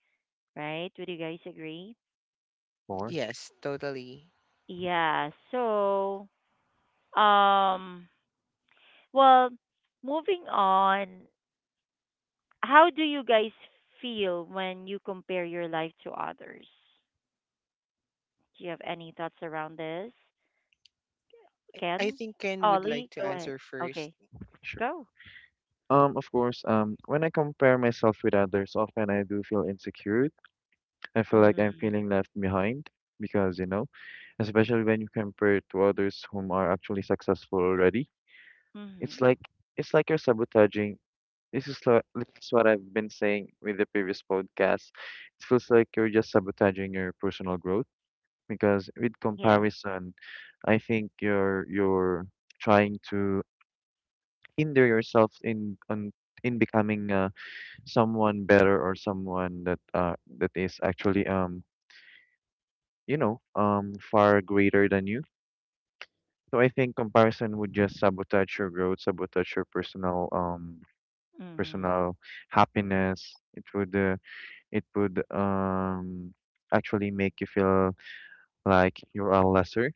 [SPEAKER 1] right? Would you guys agree?
[SPEAKER 2] course
[SPEAKER 3] Yes, totally.
[SPEAKER 1] Yeah. So, um, well, moving on, how do you guys feel when you compare your life to others? Do you have any thoughts around this?
[SPEAKER 3] I
[SPEAKER 1] Ken?
[SPEAKER 3] think Ken would like
[SPEAKER 1] Ollie,
[SPEAKER 3] to
[SPEAKER 1] go ahead.
[SPEAKER 3] answer first.
[SPEAKER 1] Okay,
[SPEAKER 2] sure
[SPEAKER 1] go.
[SPEAKER 2] of course when I compare myself with others often I do feel insecure. I feel like I'm
[SPEAKER 1] Mhm.
[SPEAKER 2] feeling left behind because, you know, especially when you compare it to others whom are actually successful already. It's
[SPEAKER 1] Mhm.
[SPEAKER 2] like it's like you're sabotaging. This is lo- this is what I've been saying with the previous podcast. It feels like you're just sabotaging your personal growth because with
[SPEAKER 1] Yeah.
[SPEAKER 2] comparison, I think you're trying to hinder yourself in on in becoming someone better or someone that that is actually you know, far greater than you. So I think comparison would just sabotage your growth, sabotage your personal
[SPEAKER 1] Mhm.
[SPEAKER 2] personal happiness. It would actually make you feel like you are lesser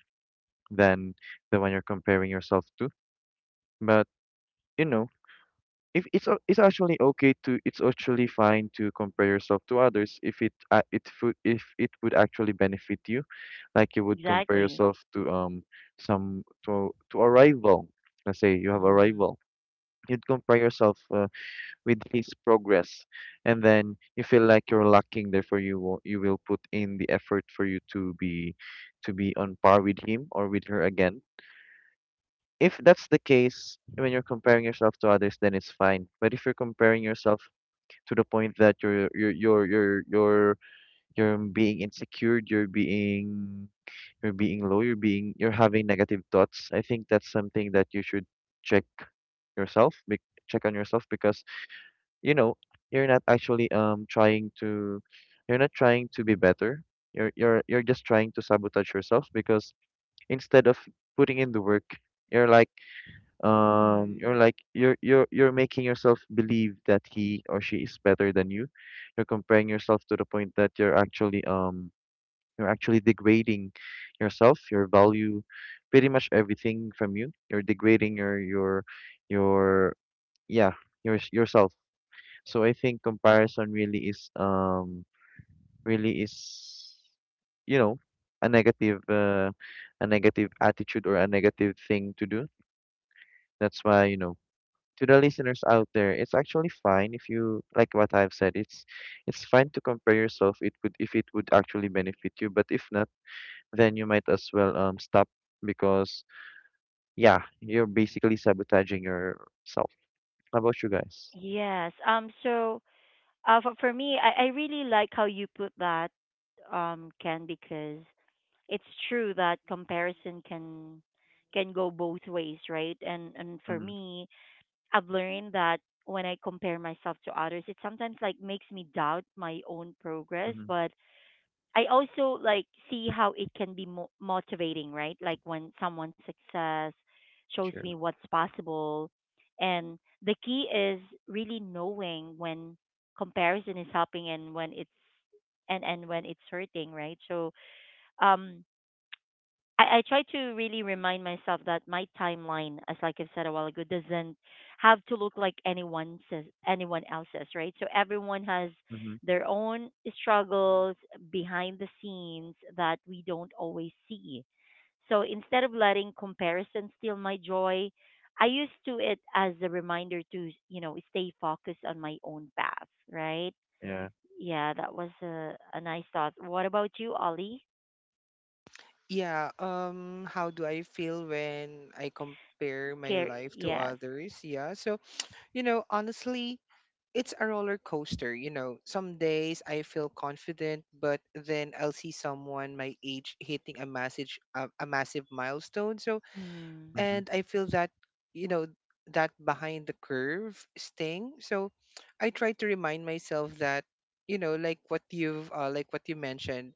[SPEAKER 2] than the one you're comparing yourself to. But you know, if it's a- it's actually okay to it's actually fine to compare yourself to others if it it food if it would actually benefit you, like you would compare
[SPEAKER 1] Exactly.
[SPEAKER 2] yourself to some to a rival. Let's say you have a
[SPEAKER 1] Mhm.
[SPEAKER 2] rival, you'd compare yourself with his progress and then you feel like you're lacking, therefore you will put in the effort for you to be on par with him or with her again. If that's the case when you're comparing yourself to others, then it's fine. But if you're comparing yourself to the point that you're you're being insecure, you're being low, you're being you're having negative thoughts, I think that's something that you should check yourself, bec- check on yourself because you know you're not actually trying to you're not trying to be better. You're just trying to sabotage yourself because instead of putting in the work, you're like you're
[SPEAKER 1] Mm.
[SPEAKER 2] like you're you're making yourself believe that he or she is better than you. You're comparing yourself to the point that you're actually degrading yourself, your value, pretty much everything from you. You're degrading your your yeah your yourself. So I think comparison really is you know a negative uh, a negative attitude or a negative thing to do. That's why you know to the listeners out there, it's actually fine if you like what I've said. It's fine to compare yourself. It would if it would actually benefit you. But if not, then you might as well stop because yeah, you're basically sabotaging yourself. How about you guys?
[SPEAKER 1] Yes. So, for me, I really like how you put that, Ken, because it's true that comparison can go both ways, right? And for
[SPEAKER 2] Mm-hmm.
[SPEAKER 1] me, I've learned that when I compare myself to others, it sometimes like makes me doubt my own progress,
[SPEAKER 2] Mm-hmm.
[SPEAKER 1] but I also like see how it can be motivating, right? Like when someone's success shows me
[SPEAKER 2] Sure.
[SPEAKER 1] what's possible, and the key is really knowing when comparison is helping and when it's and when it's hurting, right? So um I try to really remind myself that my timeline, as like I've said a while ago, doesn't have to look like anyone else's, right? So everyone has
[SPEAKER 2] Mm-hmm.
[SPEAKER 1] their own struggles behind the scenes that we don't always see. So instead of letting comparison steal my joy, I used to it as a reminder to, you know, stay focused on my own path, right?
[SPEAKER 2] Yeah.
[SPEAKER 1] Yeah, that was a nice thought. What about you, Ollie?
[SPEAKER 3] Yeah, how do I feel when I compare my
[SPEAKER 1] Care,
[SPEAKER 3] life to
[SPEAKER 1] yes.
[SPEAKER 3] others? Yeah. So, you know, honestly, it's a roller coaster, you know. Some days I feel confident, but then I'll see someone my age hitting a massive milestone. So,
[SPEAKER 1] Mm.
[SPEAKER 2] Mm-hmm.
[SPEAKER 3] and I feel that, you know, that behind the curve sting. So, I try to remind myself that, you know, like what you mentioned,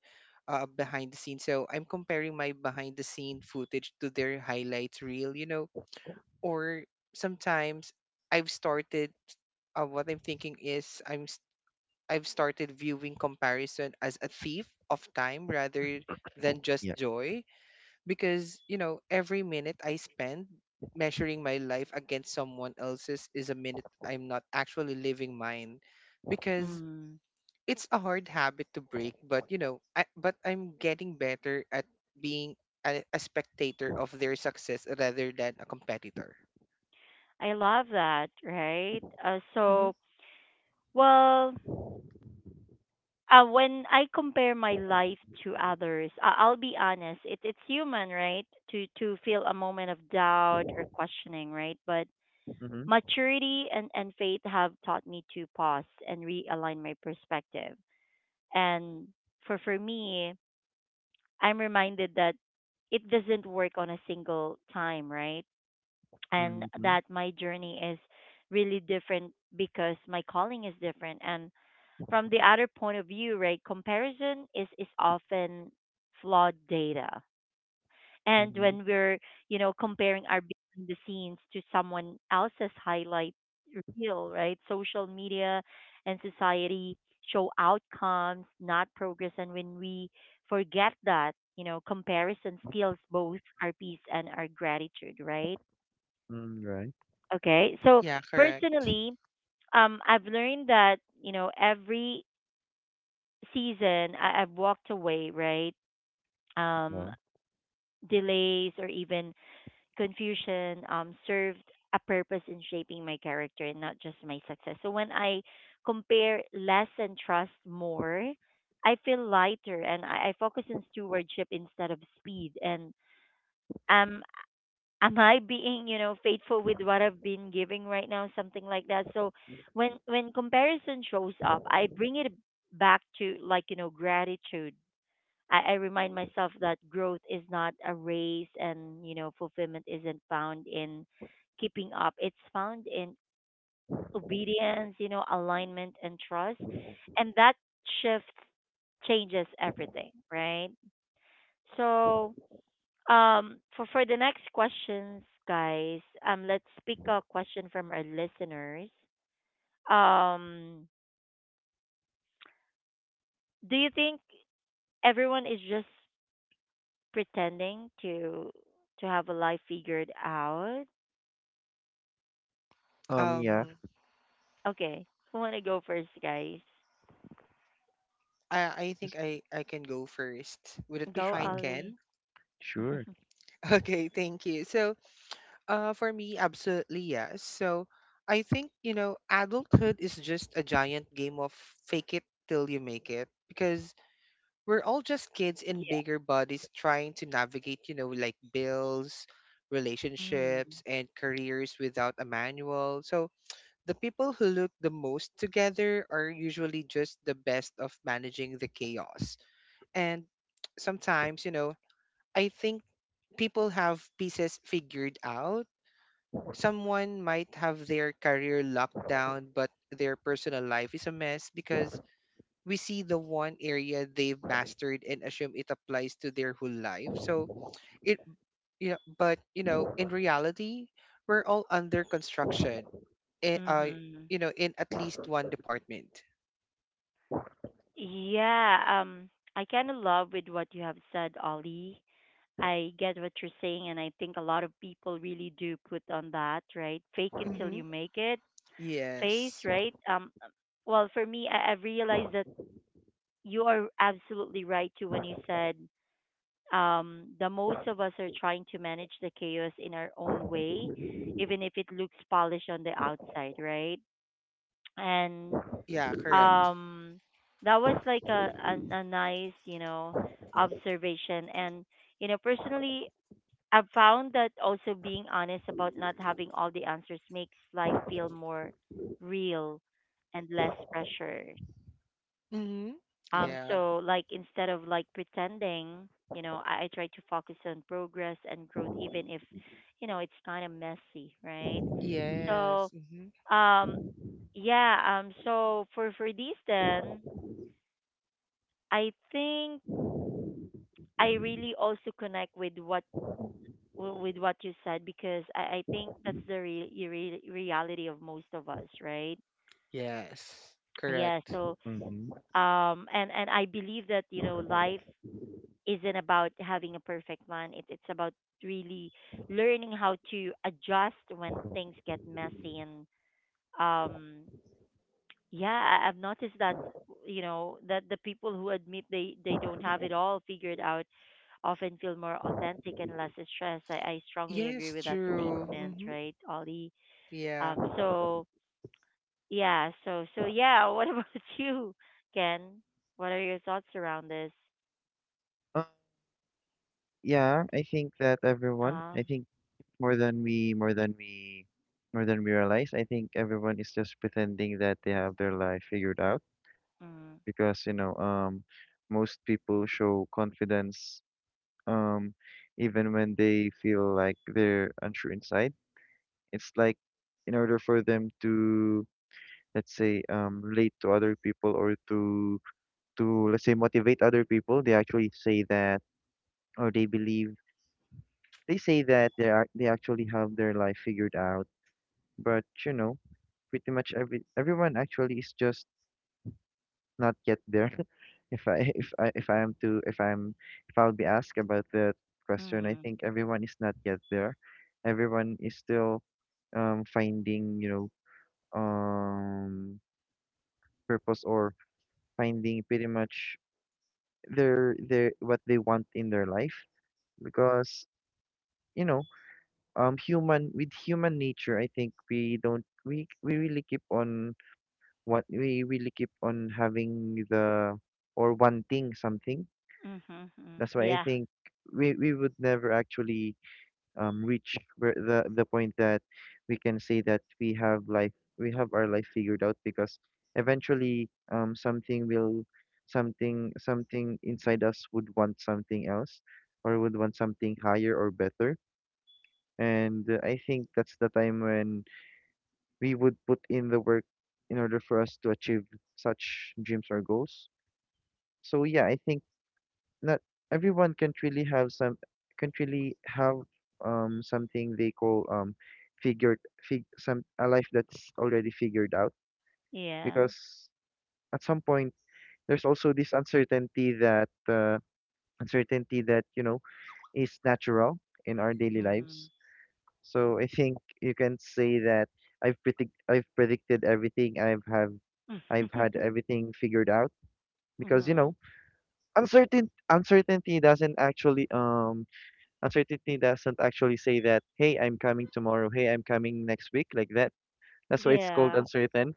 [SPEAKER 3] behind the scene. So, I'm comparing my behind the scene footage to their highlights reel, you know, or sometimes I've started what I'm thinking is I'm I've started viewing comparison as a thief of time rather than just
[SPEAKER 2] Yeah.
[SPEAKER 3] joy, because, you know, every minute I spend measuring my life against someone else's is a minute I'm not actually living mine. Because
[SPEAKER 1] Mm,
[SPEAKER 3] it's a hard habit to break, but you know, but I'm getting better at being a spectator of their success rather than a competitor.
[SPEAKER 1] I love that, right?
[SPEAKER 3] Hmm.
[SPEAKER 1] So, well, when I compare my life to others, I'll be honest. It it's human, right, to feel a moment of doubt or questioning, right? But
[SPEAKER 2] Mm-hmm.
[SPEAKER 1] maturity and faith have taught me to pause and realign my perspective. And for me, I'm reminded that it doesn't work on a single time, right? And
[SPEAKER 2] Mm-hmm.
[SPEAKER 1] that my journey is really different because my calling is different and from the other point of view, right, comparison is often flawed data. And
[SPEAKER 2] Mm-hmm.
[SPEAKER 1] when we're comparing our behind the scenes to someone else's highlight reel, right, social media and society show outcomes, not progress. And when we forget that, comparison steals both our peace and our gratitude, right?
[SPEAKER 2] Mm, right.
[SPEAKER 1] Okay. So
[SPEAKER 3] Yeah, correct.
[SPEAKER 1] personally, I've learned that, every I've walked away, right?
[SPEAKER 2] Yeah.
[SPEAKER 1] Um, delays or even confusion served a purpose in shaping my character and not just my success. So when I compare less and trust more, I feel lighter and I focus on stewardship instead of speed. And um, am I being, faithful with what I've been giving right now, something like that. So when comparison shows up, I bring it back to, like, gratitude. I remind myself that growth is not a race and, fulfillment isn't found in keeping up. It's found in obedience, alignment and trust. And that shift changes everything, right? So for the next questions, guys, let's pick a question from our listeners. Um, do you think everyone is just pretending to have a life figured out?
[SPEAKER 2] Yeah.
[SPEAKER 3] Um,
[SPEAKER 1] Okay, who wanna go first, guys?
[SPEAKER 3] I I think
[SPEAKER 2] Yes,
[SPEAKER 3] I I can go first. Would it be
[SPEAKER 1] Go,
[SPEAKER 3] fine,
[SPEAKER 2] Sure.
[SPEAKER 1] Ali.
[SPEAKER 3] Ken?
[SPEAKER 2] Sure.
[SPEAKER 3] Okay, thank you. So, for me, absolutely yes. So, I think, you know, adulthood is just a giant game of fake it till you make it, because we're all just kids in
[SPEAKER 1] Yeah.
[SPEAKER 3] bigger bodies trying to navigate, you know, like bills,
[SPEAKER 1] Mm.
[SPEAKER 3] relationships, and careers without a manual. So, the people who look the most together are usually just the best of managing the chaos. And sometimes, you know, I think people have pieces figured out. Someone might have their career locked down, but their personal life is a mess, because we see the one area they've mastered and assume it applies to their whole life. So it, you know, but you know, in reality, we're all under construction, eh, uh,
[SPEAKER 1] Mhm.
[SPEAKER 3] you know, in at least one department.
[SPEAKER 1] Yeah, I kind of love with what you have said, Ollie. I get what you're saying, and I think a lot of people really do put on that, right? Fake it till
[SPEAKER 3] Mm-hmm.
[SPEAKER 1] you make it face,
[SPEAKER 3] Yes.
[SPEAKER 1] right? Well, for me, I realized that you are absolutely right too when you said the most of us are trying to manage the chaos in our own way, even if it looks polished on the outside, right? And
[SPEAKER 3] Yeah. Correct.
[SPEAKER 1] um that was like a nice, observation. And, personally, I've found that also being honest about not having all the answers makes life feel more real and less pressure.
[SPEAKER 3] Mm-hmm. Yeah.
[SPEAKER 1] So, like, instead of like pretending, I try to focus on progress and growth, even if, it's kind of messy, right?
[SPEAKER 3] Yes.
[SPEAKER 1] So um yeah, so for these then, I think I really also connect with what with what you said, because I think that's the reality of most of us, right?
[SPEAKER 3] Yes,
[SPEAKER 1] Yeah.
[SPEAKER 3] correct.
[SPEAKER 1] So
[SPEAKER 2] Mm-hmm.
[SPEAKER 1] and I believe that, life isn't about having a perfect plan. It's about really learning how to adjust when things get messy. And um yeah, I've noticed that, that the people who admit they don't have it all figured out often feel more authentic and less stressed. I strongly agree
[SPEAKER 3] Yes,
[SPEAKER 1] with that
[SPEAKER 3] true.
[SPEAKER 1] statement,
[SPEAKER 3] Hmm.
[SPEAKER 1] right, Ollie?
[SPEAKER 3] Yeah.
[SPEAKER 1] So yeah, so so yeah, what about you, Ken, what are your thoughts around this?
[SPEAKER 2] Uh, yeah, I think that everyone,
[SPEAKER 1] um
[SPEAKER 2] I think more than we, more than we, more than we realize, I think everyone is just pretending that they have their life figured out,
[SPEAKER 1] mm,
[SPEAKER 2] because you know most people show confidence um even when they feel like they're unsure inside. It's like in order for them to let's say relate to other people or to let's say motivate other people, they actually say that or they believe they say that they are they actually have their life figured out. But you know, pretty much everyone actually is just not yet there. If I if I if I am to if I'm if I'll be asked about that question, I
[SPEAKER 1] mm,
[SPEAKER 2] think everyone is not yet there. Everyone is still finding, you know, um purpose or finding pretty much their what they want in their life because you know human with human nature I think we don't we really keep on what we really keep on having the or wanting something.
[SPEAKER 1] mm-hmm, mm,
[SPEAKER 2] That's why I
[SPEAKER 1] yeah.
[SPEAKER 2] think we would never actually reach where the point that we can say that we have life we have our life figured out because eventually something will something inside us would want something else or would want something higher or better. And I think that's the time when we would put in the work in order for us to achieve such dreams or goals. So yeah, I think not everyone can really have some can really have something they call figured fig some a life that's already figured out
[SPEAKER 1] Yeah.
[SPEAKER 2] because at some point there's also this uncertainty that you know is natural in our daily
[SPEAKER 1] Mm-hmm.
[SPEAKER 2] lives. So I think you can say that I've predict I've predicted everything I've have I've had everything figured out because you
[SPEAKER 1] Mm-hmm.
[SPEAKER 2] know uncertainty doesn't actually uncertainty doesn't actually say that, hey, I'm coming tomorrow, hey, I'm coming next week, like that. That's why it's called
[SPEAKER 1] Yeah.
[SPEAKER 2] uncertain.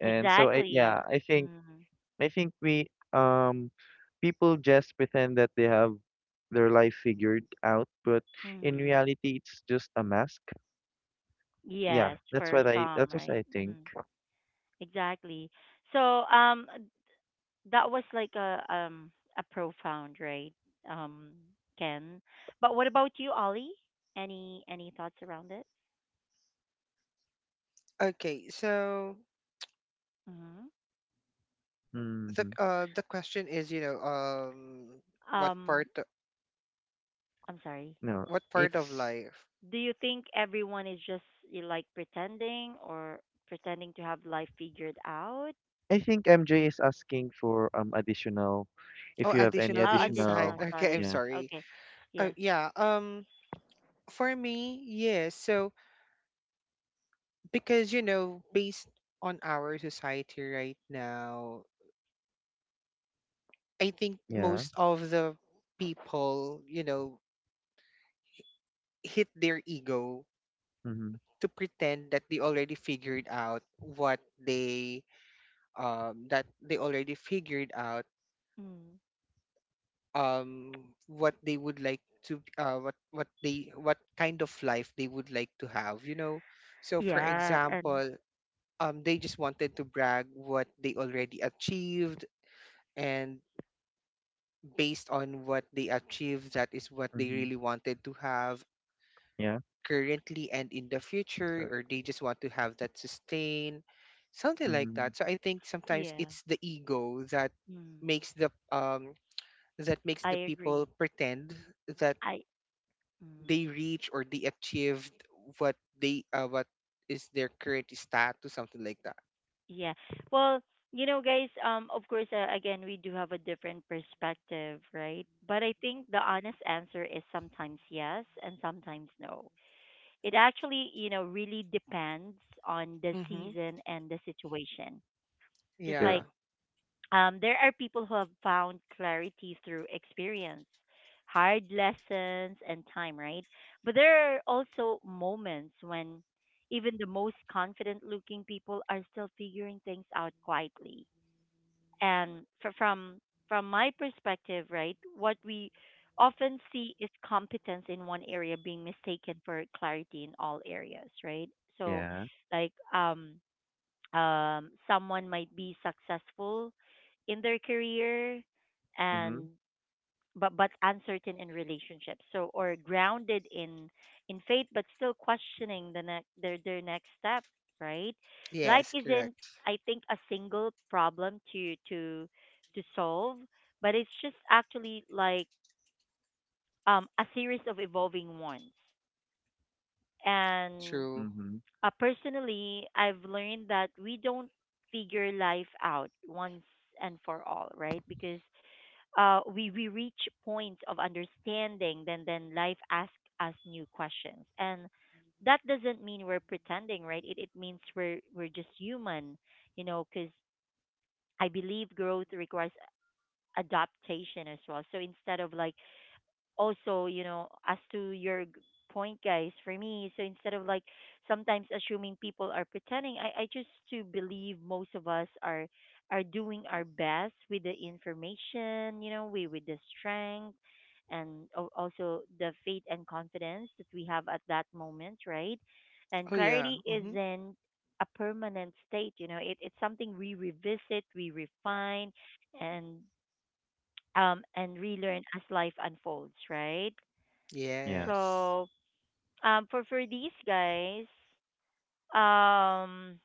[SPEAKER 2] And so I, yeah,
[SPEAKER 1] Exactly. Mm-hmm.
[SPEAKER 2] I think we um people just pretend that they have their life figured out, but in
[SPEAKER 1] Mm-hmm.
[SPEAKER 2] reality it's just a mask. Yeah,
[SPEAKER 1] Yes, for some,
[SPEAKER 2] that's what
[SPEAKER 1] right?
[SPEAKER 2] I think.
[SPEAKER 1] Hmm. Exactly. So, um, that was like a, a profound, right? Um, Ken. But what about you, Ollie? Any thoughts around it?
[SPEAKER 3] Okay, so
[SPEAKER 1] Hmm.
[SPEAKER 2] Hmm.
[SPEAKER 3] the question is, you know, um, what
[SPEAKER 1] Um, I'm sorry.
[SPEAKER 2] No,
[SPEAKER 3] what part of
[SPEAKER 2] it's
[SPEAKER 3] life?
[SPEAKER 1] Do you think everyone is just, you like, pretending or pretending to have life figured out?
[SPEAKER 2] I think MJ is asking for additional
[SPEAKER 3] Oh,
[SPEAKER 2] if you have any
[SPEAKER 3] additional insight.
[SPEAKER 1] Additional,
[SPEAKER 2] additional
[SPEAKER 3] Okay, I'm
[SPEAKER 1] sorry.
[SPEAKER 2] yeah.
[SPEAKER 3] sorry.
[SPEAKER 1] Okay.
[SPEAKER 3] Oh,
[SPEAKER 1] Yeah.
[SPEAKER 3] yeah. Um, for me, yes. So because you know, based on our society right now, I think
[SPEAKER 1] Mm.
[SPEAKER 2] Yeah.
[SPEAKER 3] most of the people, you know, hit their ego
[SPEAKER 2] Mm-hmm.
[SPEAKER 3] to pretend that they already figured out what they that they already figured out
[SPEAKER 1] Mm.
[SPEAKER 3] what they would like to, what kind of life they would like to have, you know. So for
[SPEAKER 1] Yeah, and
[SPEAKER 3] example, um, they just wanted to brag what they already achieved. And based on what they achieved, that is what they
[SPEAKER 2] Mm-hmm.
[SPEAKER 3] really wanted to have
[SPEAKER 2] Yeah.
[SPEAKER 3] currently and in the future,
[SPEAKER 2] So
[SPEAKER 3] or they just want to have that sustain, something like
[SPEAKER 2] Mhm.
[SPEAKER 3] that. So I think sometimes
[SPEAKER 1] yeah.
[SPEAKER 3] it's the ego that
[SPEAKER 1] Mm.
[SPEAKER 3] makes the um, that makes
[SPEAKER 1] I
[SPEAKER 3] the people
[SPEAKER 1] agree.
[SPEAKER 3] pretend that
[SPEAKER 1] I
[SPEAKER 3] they
[SPEAKER 1] mm,
[SPEAKER 3] reach or they achieved what they, what is their current status, something like that.
[SPEAKER 1] yeah. Well, you know, guys. Of course, again, we do have a different perspective, right? But I think the honest answer is sometimes yes and sometimes no. It actually, really depends on the
[SPEAKER 3] Mm-hmm.
[SPEAKER 1] season and the situation. Just
[SPEAKER 2] Yeah.
[SPEAKER 3] Yeah.
[SPEAKER 1] like, there are people who have found clarity through experience, hard lessons, and time, right? But there are also moments when even the most confident looking people are still figuring things out quietly. And from my perspective, right, what we often see is competence in one area being mistaken for clarity in all areas, right? So,
[SPEAKER 2] Yeah.
[SPEAKER 1] like, someone might be successful in their career
[SPEAKER 2] Mhm.
[SPEAKER 1] and, but uncertain in relationships, so, or grounded in faith but still questioning their next step, right? Life
[SPEAKER 3] Yes,
[SPEAKER 1] isn't,
[SPEAKER 3] correct.
[SPEAKER 1] I think, a single problem to solve, but it's just actually like a series of evolving ones. And
[SPEAKER 3] True.
[SPEAKER 2] Mhm.
[SPEAKER 1] Personally, I've learned that we don't figure life out once and for all, right? Because we reach points of understanding, then life asks us new questions, and that doesn't mean we're pretending, right? It means we're just human, you know. Because I believe growth requires adaptation as well. So instead of like also, as to your point, guys, for me, so instead of like sometimes assuming people are pretending, I just to believe most of us are doing our best with the information, we with the strength and also the faith and confidence that we have at that moment, right? And
[SPEAKER 3] Oh yeah.
[SPEAKER 1] clarity
[SPEAKER 3] Mm-hmm.
[SPEAKER 1] isn't a permanent state, you know, it's something we revisit, we refine and and relearn as life unfolds, right?
[SPEAKER 2] Yeah.
[SPEAKER 3] Yes.
[SPEAKER 1] So, for these guys, um,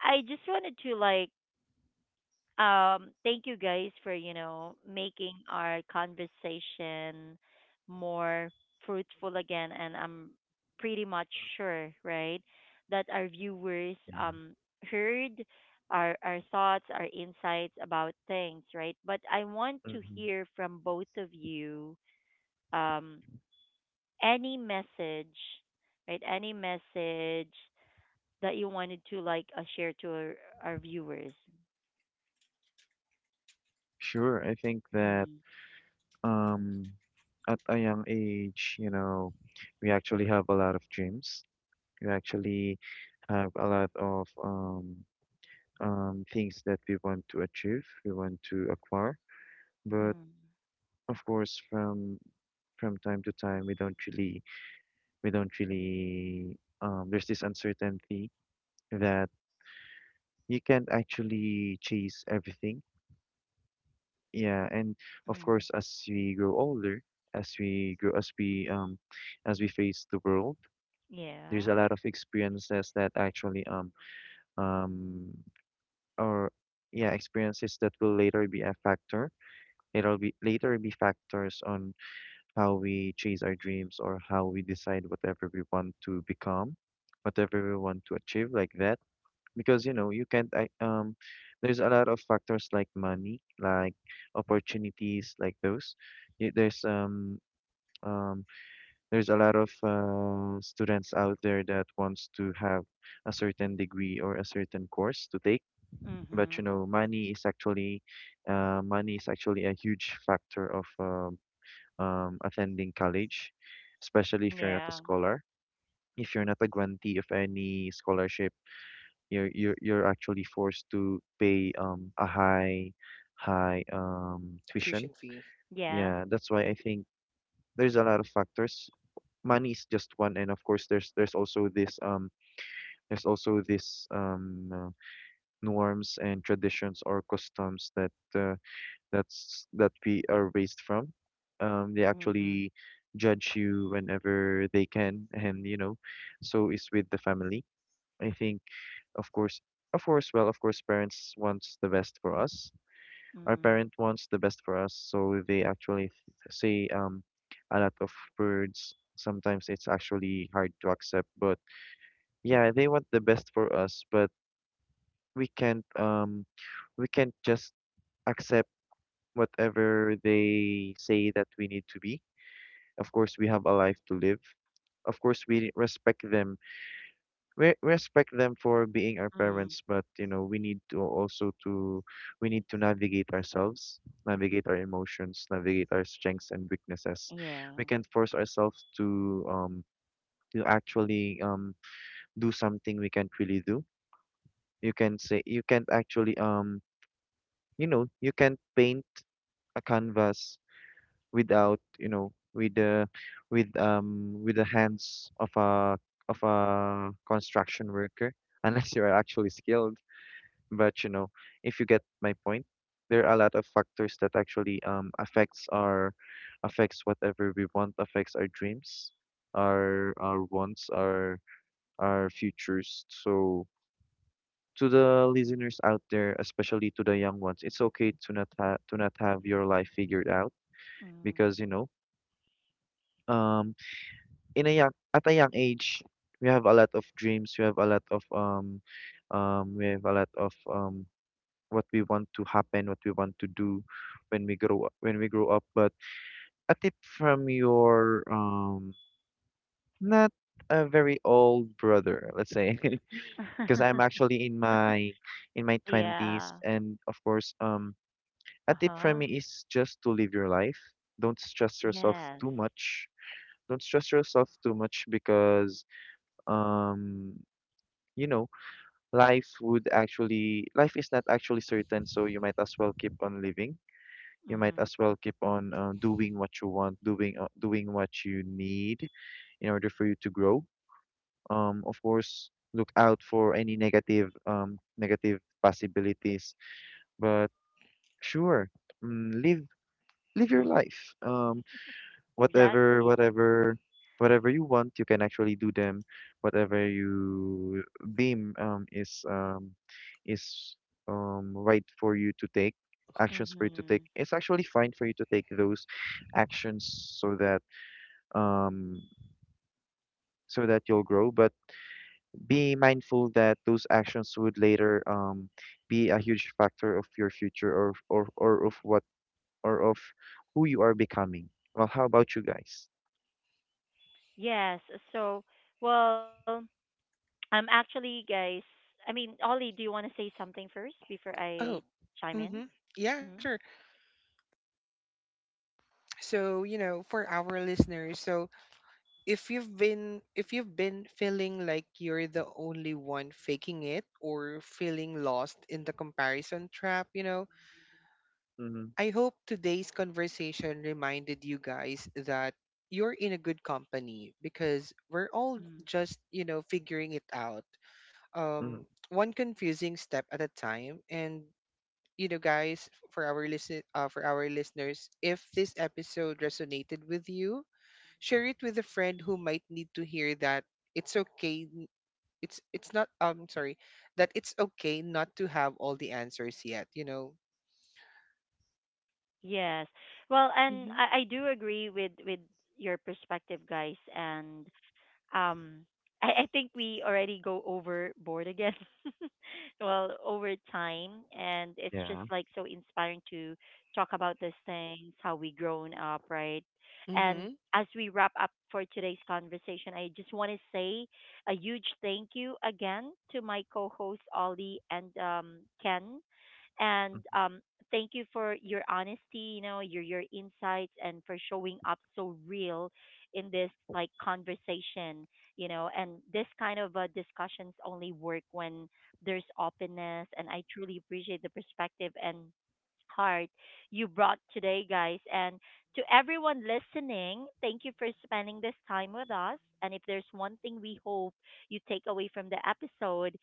[SPEAKER 1] I just wanted to like thank you guys for, you know, making our conversation more fruitful again, and I'm pretty much sure, right, that our viewers
[SPEAKER 2] Yeah.
[SPEAKER 1] heard our thoughts, our insights about things, right? But I want to
[SPEAKER 2] Mhm.
[SPEAKER 1] hear from both of you. Um, any message, right? Any message that you wanted to like, share to our viewers.
[SPEAKER 2] Sure. I think that
[SPEAKER 1] Mm,
[SPEAKER 2] um at a young age, you know, we actually have a lot of dreams. We actually have a lot of things that we want to achieve, we want to acquire. But
[SPEAKER 1] mm,
[SPEAKER 2] of course, from time to time, we don't really there's this uncertainty that you can't actually chase everything. Yeah, and of
[SPEAKER 1] mm.
[SPEAKER 2] course, as we grow older, as we grow, as we face the world, there's
[SPEAKER 1] Yeah.
[SPEAKER 2] a lot of experiences that actually um or yeah, experiences that will later be a factor. It'll be later be factors on how we chase our dreams or how we decide whatever we want to become, whatever we want to achieve, like that, because you know you can't I, there's a lot of factors like money, like opportunities like those. Y- um there's a lot of students out there that wants to have a certain degree or a certain course to take, but
[SPEAKER 1] Mhm.
[SPEAKER 2] you know money is actually a huge factor of attending college, especially if you're not a
[SPEAKER 1] Yeah.
[SPEAKER 2] scholar, if you're not a grantee of any scholarship you're you're actually forced to pay a high high tuition.
[SPEAKER 3] Tuition fee.
[SPEAKER 1] Yes.
[SPEAKER 2] Yeah, that's why I think there's a lot of factors. Money is just one, and of course there's also this norms and traditions or customs that that's that we are raised from. They
[SPEAKER 1] Mhm.
[SPEAKER 2] actually judge you whenever they can, and you know, so is with the family. I think Of course, of course, well, of course, parents wants the best for us. Our
[SPEAKER 1] Mm.
[SPEAKER 2] parent wants the best for us, so they actually th- say a lot of words. Sometimes it's actually hard to accept, but yeah, they want the best for us, but we can't um we can't just accept whatever they say that we need to be. Of course, we have a life to live. Of course, we respect them for being our
[SPEAKER 1] Mm.
[SPEAKER 2] parents, but you know, we need to also to we need to navigate ourselves, navigate our emotions, navigate our strengths and weaknesses.
[SPEAKER 1] Yeah.
[SPEAKER 2] We can't force ourselves to actually do something we can't really do. You can say you can't actually you know you can't paint a canvas without you know with the hands of a construction worker unless you are actually skilled. But you know, if you get my point, there are a lot of factors that actually affects our affects whatever we want, affects our dreams, our wants, our futures. So to the listeners out there, especially to the young ones, it's okay to not ha to not have your life figured out
[SPEAKER 1] Mm.
[SPEAKER 2] because you know, um in a young at a young age, we have a lot of dreams, we have a lot of we have a lot of what we want to happen, what we want to do when we grow up. But a tip from your not a very old brother, let's say, because I'm actually in my twenties,
[SPEAKER 1] Yeah.
[SPEAKER 2] and of course, a tip from
[SPEAKER 1] Uh-huh.
[SPEAKER 2] me is just to live your life. Don't stress yourself
[SPEAKER 1] Yes.
[SPEAKER 2] too much. Don't stress yourself too much because um you know life would actually life is not actually certain, so you might as well keep on living, you might
[SPEAKER 1] Mhm.
[SPEAKER 2] as well keep on doing what you want, doing doing what you need in order for you to grow. Of course, look out for any negative negative possibilities, but sure, mm, live live your
[SPEAKER 1] Mm.
[SPEAKER 2] life. Whatever
[SPEAKER 1] Exactly.
[SPEAKER 2] whatever you want you can actually do them, whatever you deem is is right for you to take actions for you to take,
[SPEAKER 1] Mhm.
[SPEAKER 2] it's actually fine for you to take those actions so that um so that you'll grow, but be mindful that those actions would later be a huge factor of your future or of what or of who you are becoming. Well, how about you guys?
[SPEAKER 1] Yes. So, well, actually, guys, I mean, Ollie, do you want to say something first before I
[SPEAKER 3] Oh.
[SPEAKER 1] chime in?
[SPEAKER 3] Mm-hmm. Yeah,
[SPEAKER 1] Hmm.
[SPEAKER 3] sure. So, you know, for our listeners, so if you've been, if you've been feeling like you're the only one faking it or feeling lost in the comparison trap, you know,
[SPEAKER 2] Mm-hmm,
[SPEAKER 3] I hope today's conversation reminded you guys that you're in a good company, because we're all
[SPEAKER 1] Mm.
[SPEAKER 3] just, you know, figuring it out.
[SPEAKER 2] mm-hmm.
[SPEAKER 3] Um, one confusing step at a time. And you know guys, for our listen for our listeners, if this episode resonated with you, share it with a friend who might need to hear that it's okay. n- it's not. Sorry, that it's okay not to have all the answers yet. You know.
[SPEAKER 1] Yes. Well, and
[SPEAKER 3] Mm-hmm.
[SPEAKER 1] I do agree with your perspective, guys. And Um, I think we already go overboard again. Well, over time, and it's just
[SPEAKER 2] Yeah.
[SPEAKER 1] like so inspiring to talk about these things, how we grown up, right?
[SPEAKER 3] Mm-hmm.
[SPEAKER 1] And as we wrap up for today's conversation, I just want to say a huge thank you again to my co-hosts Ollie and, Ken, and thank you for your honesty, you know, your insights and for showing up so real in this like conversation, you know, and this kind of, discussions only work when there's openness. And I truly appreciate the perspective and heart you brought today, guys. And to everyone listening, thank you for spending this time with us. And if there's one thing we hope you take away from the episode,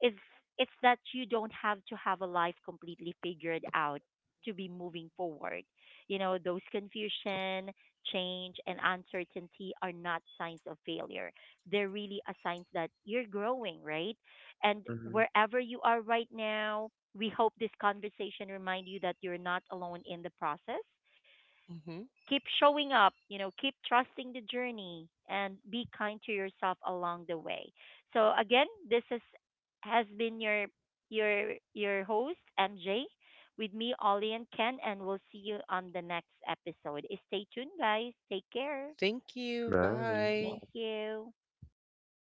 [SPEAKER 1] it's it's that you don't have to have a life completely figured out to be moving forward. You know, those confusion, change and uncertainty are not signs of failure. They're really a signs that you're growing, right? And
[SPEAKER 2] 嗯，
[SPEAKER 1] wherever you are right now, we hope this conversation remind you that you're not alone in the process.
[SPEAKER 3] Mm-hmm.
[SPEAKER 1] Keep showing up, you know, keep trusting the journey and be kind to yourself along the way. So again, this is has been your your host MJ with me, Ollie, and Ken, and we'll see you on the next episode. Stay tuned, guys. Take care.
[SPEAKER 3] Thank you.
[SPEAKER 2] 原来如
[SPEAKER 1] Thank
[SPEAKER 3] Bye.
[SPEAKER 2] 此
[SPEAKER 1] you.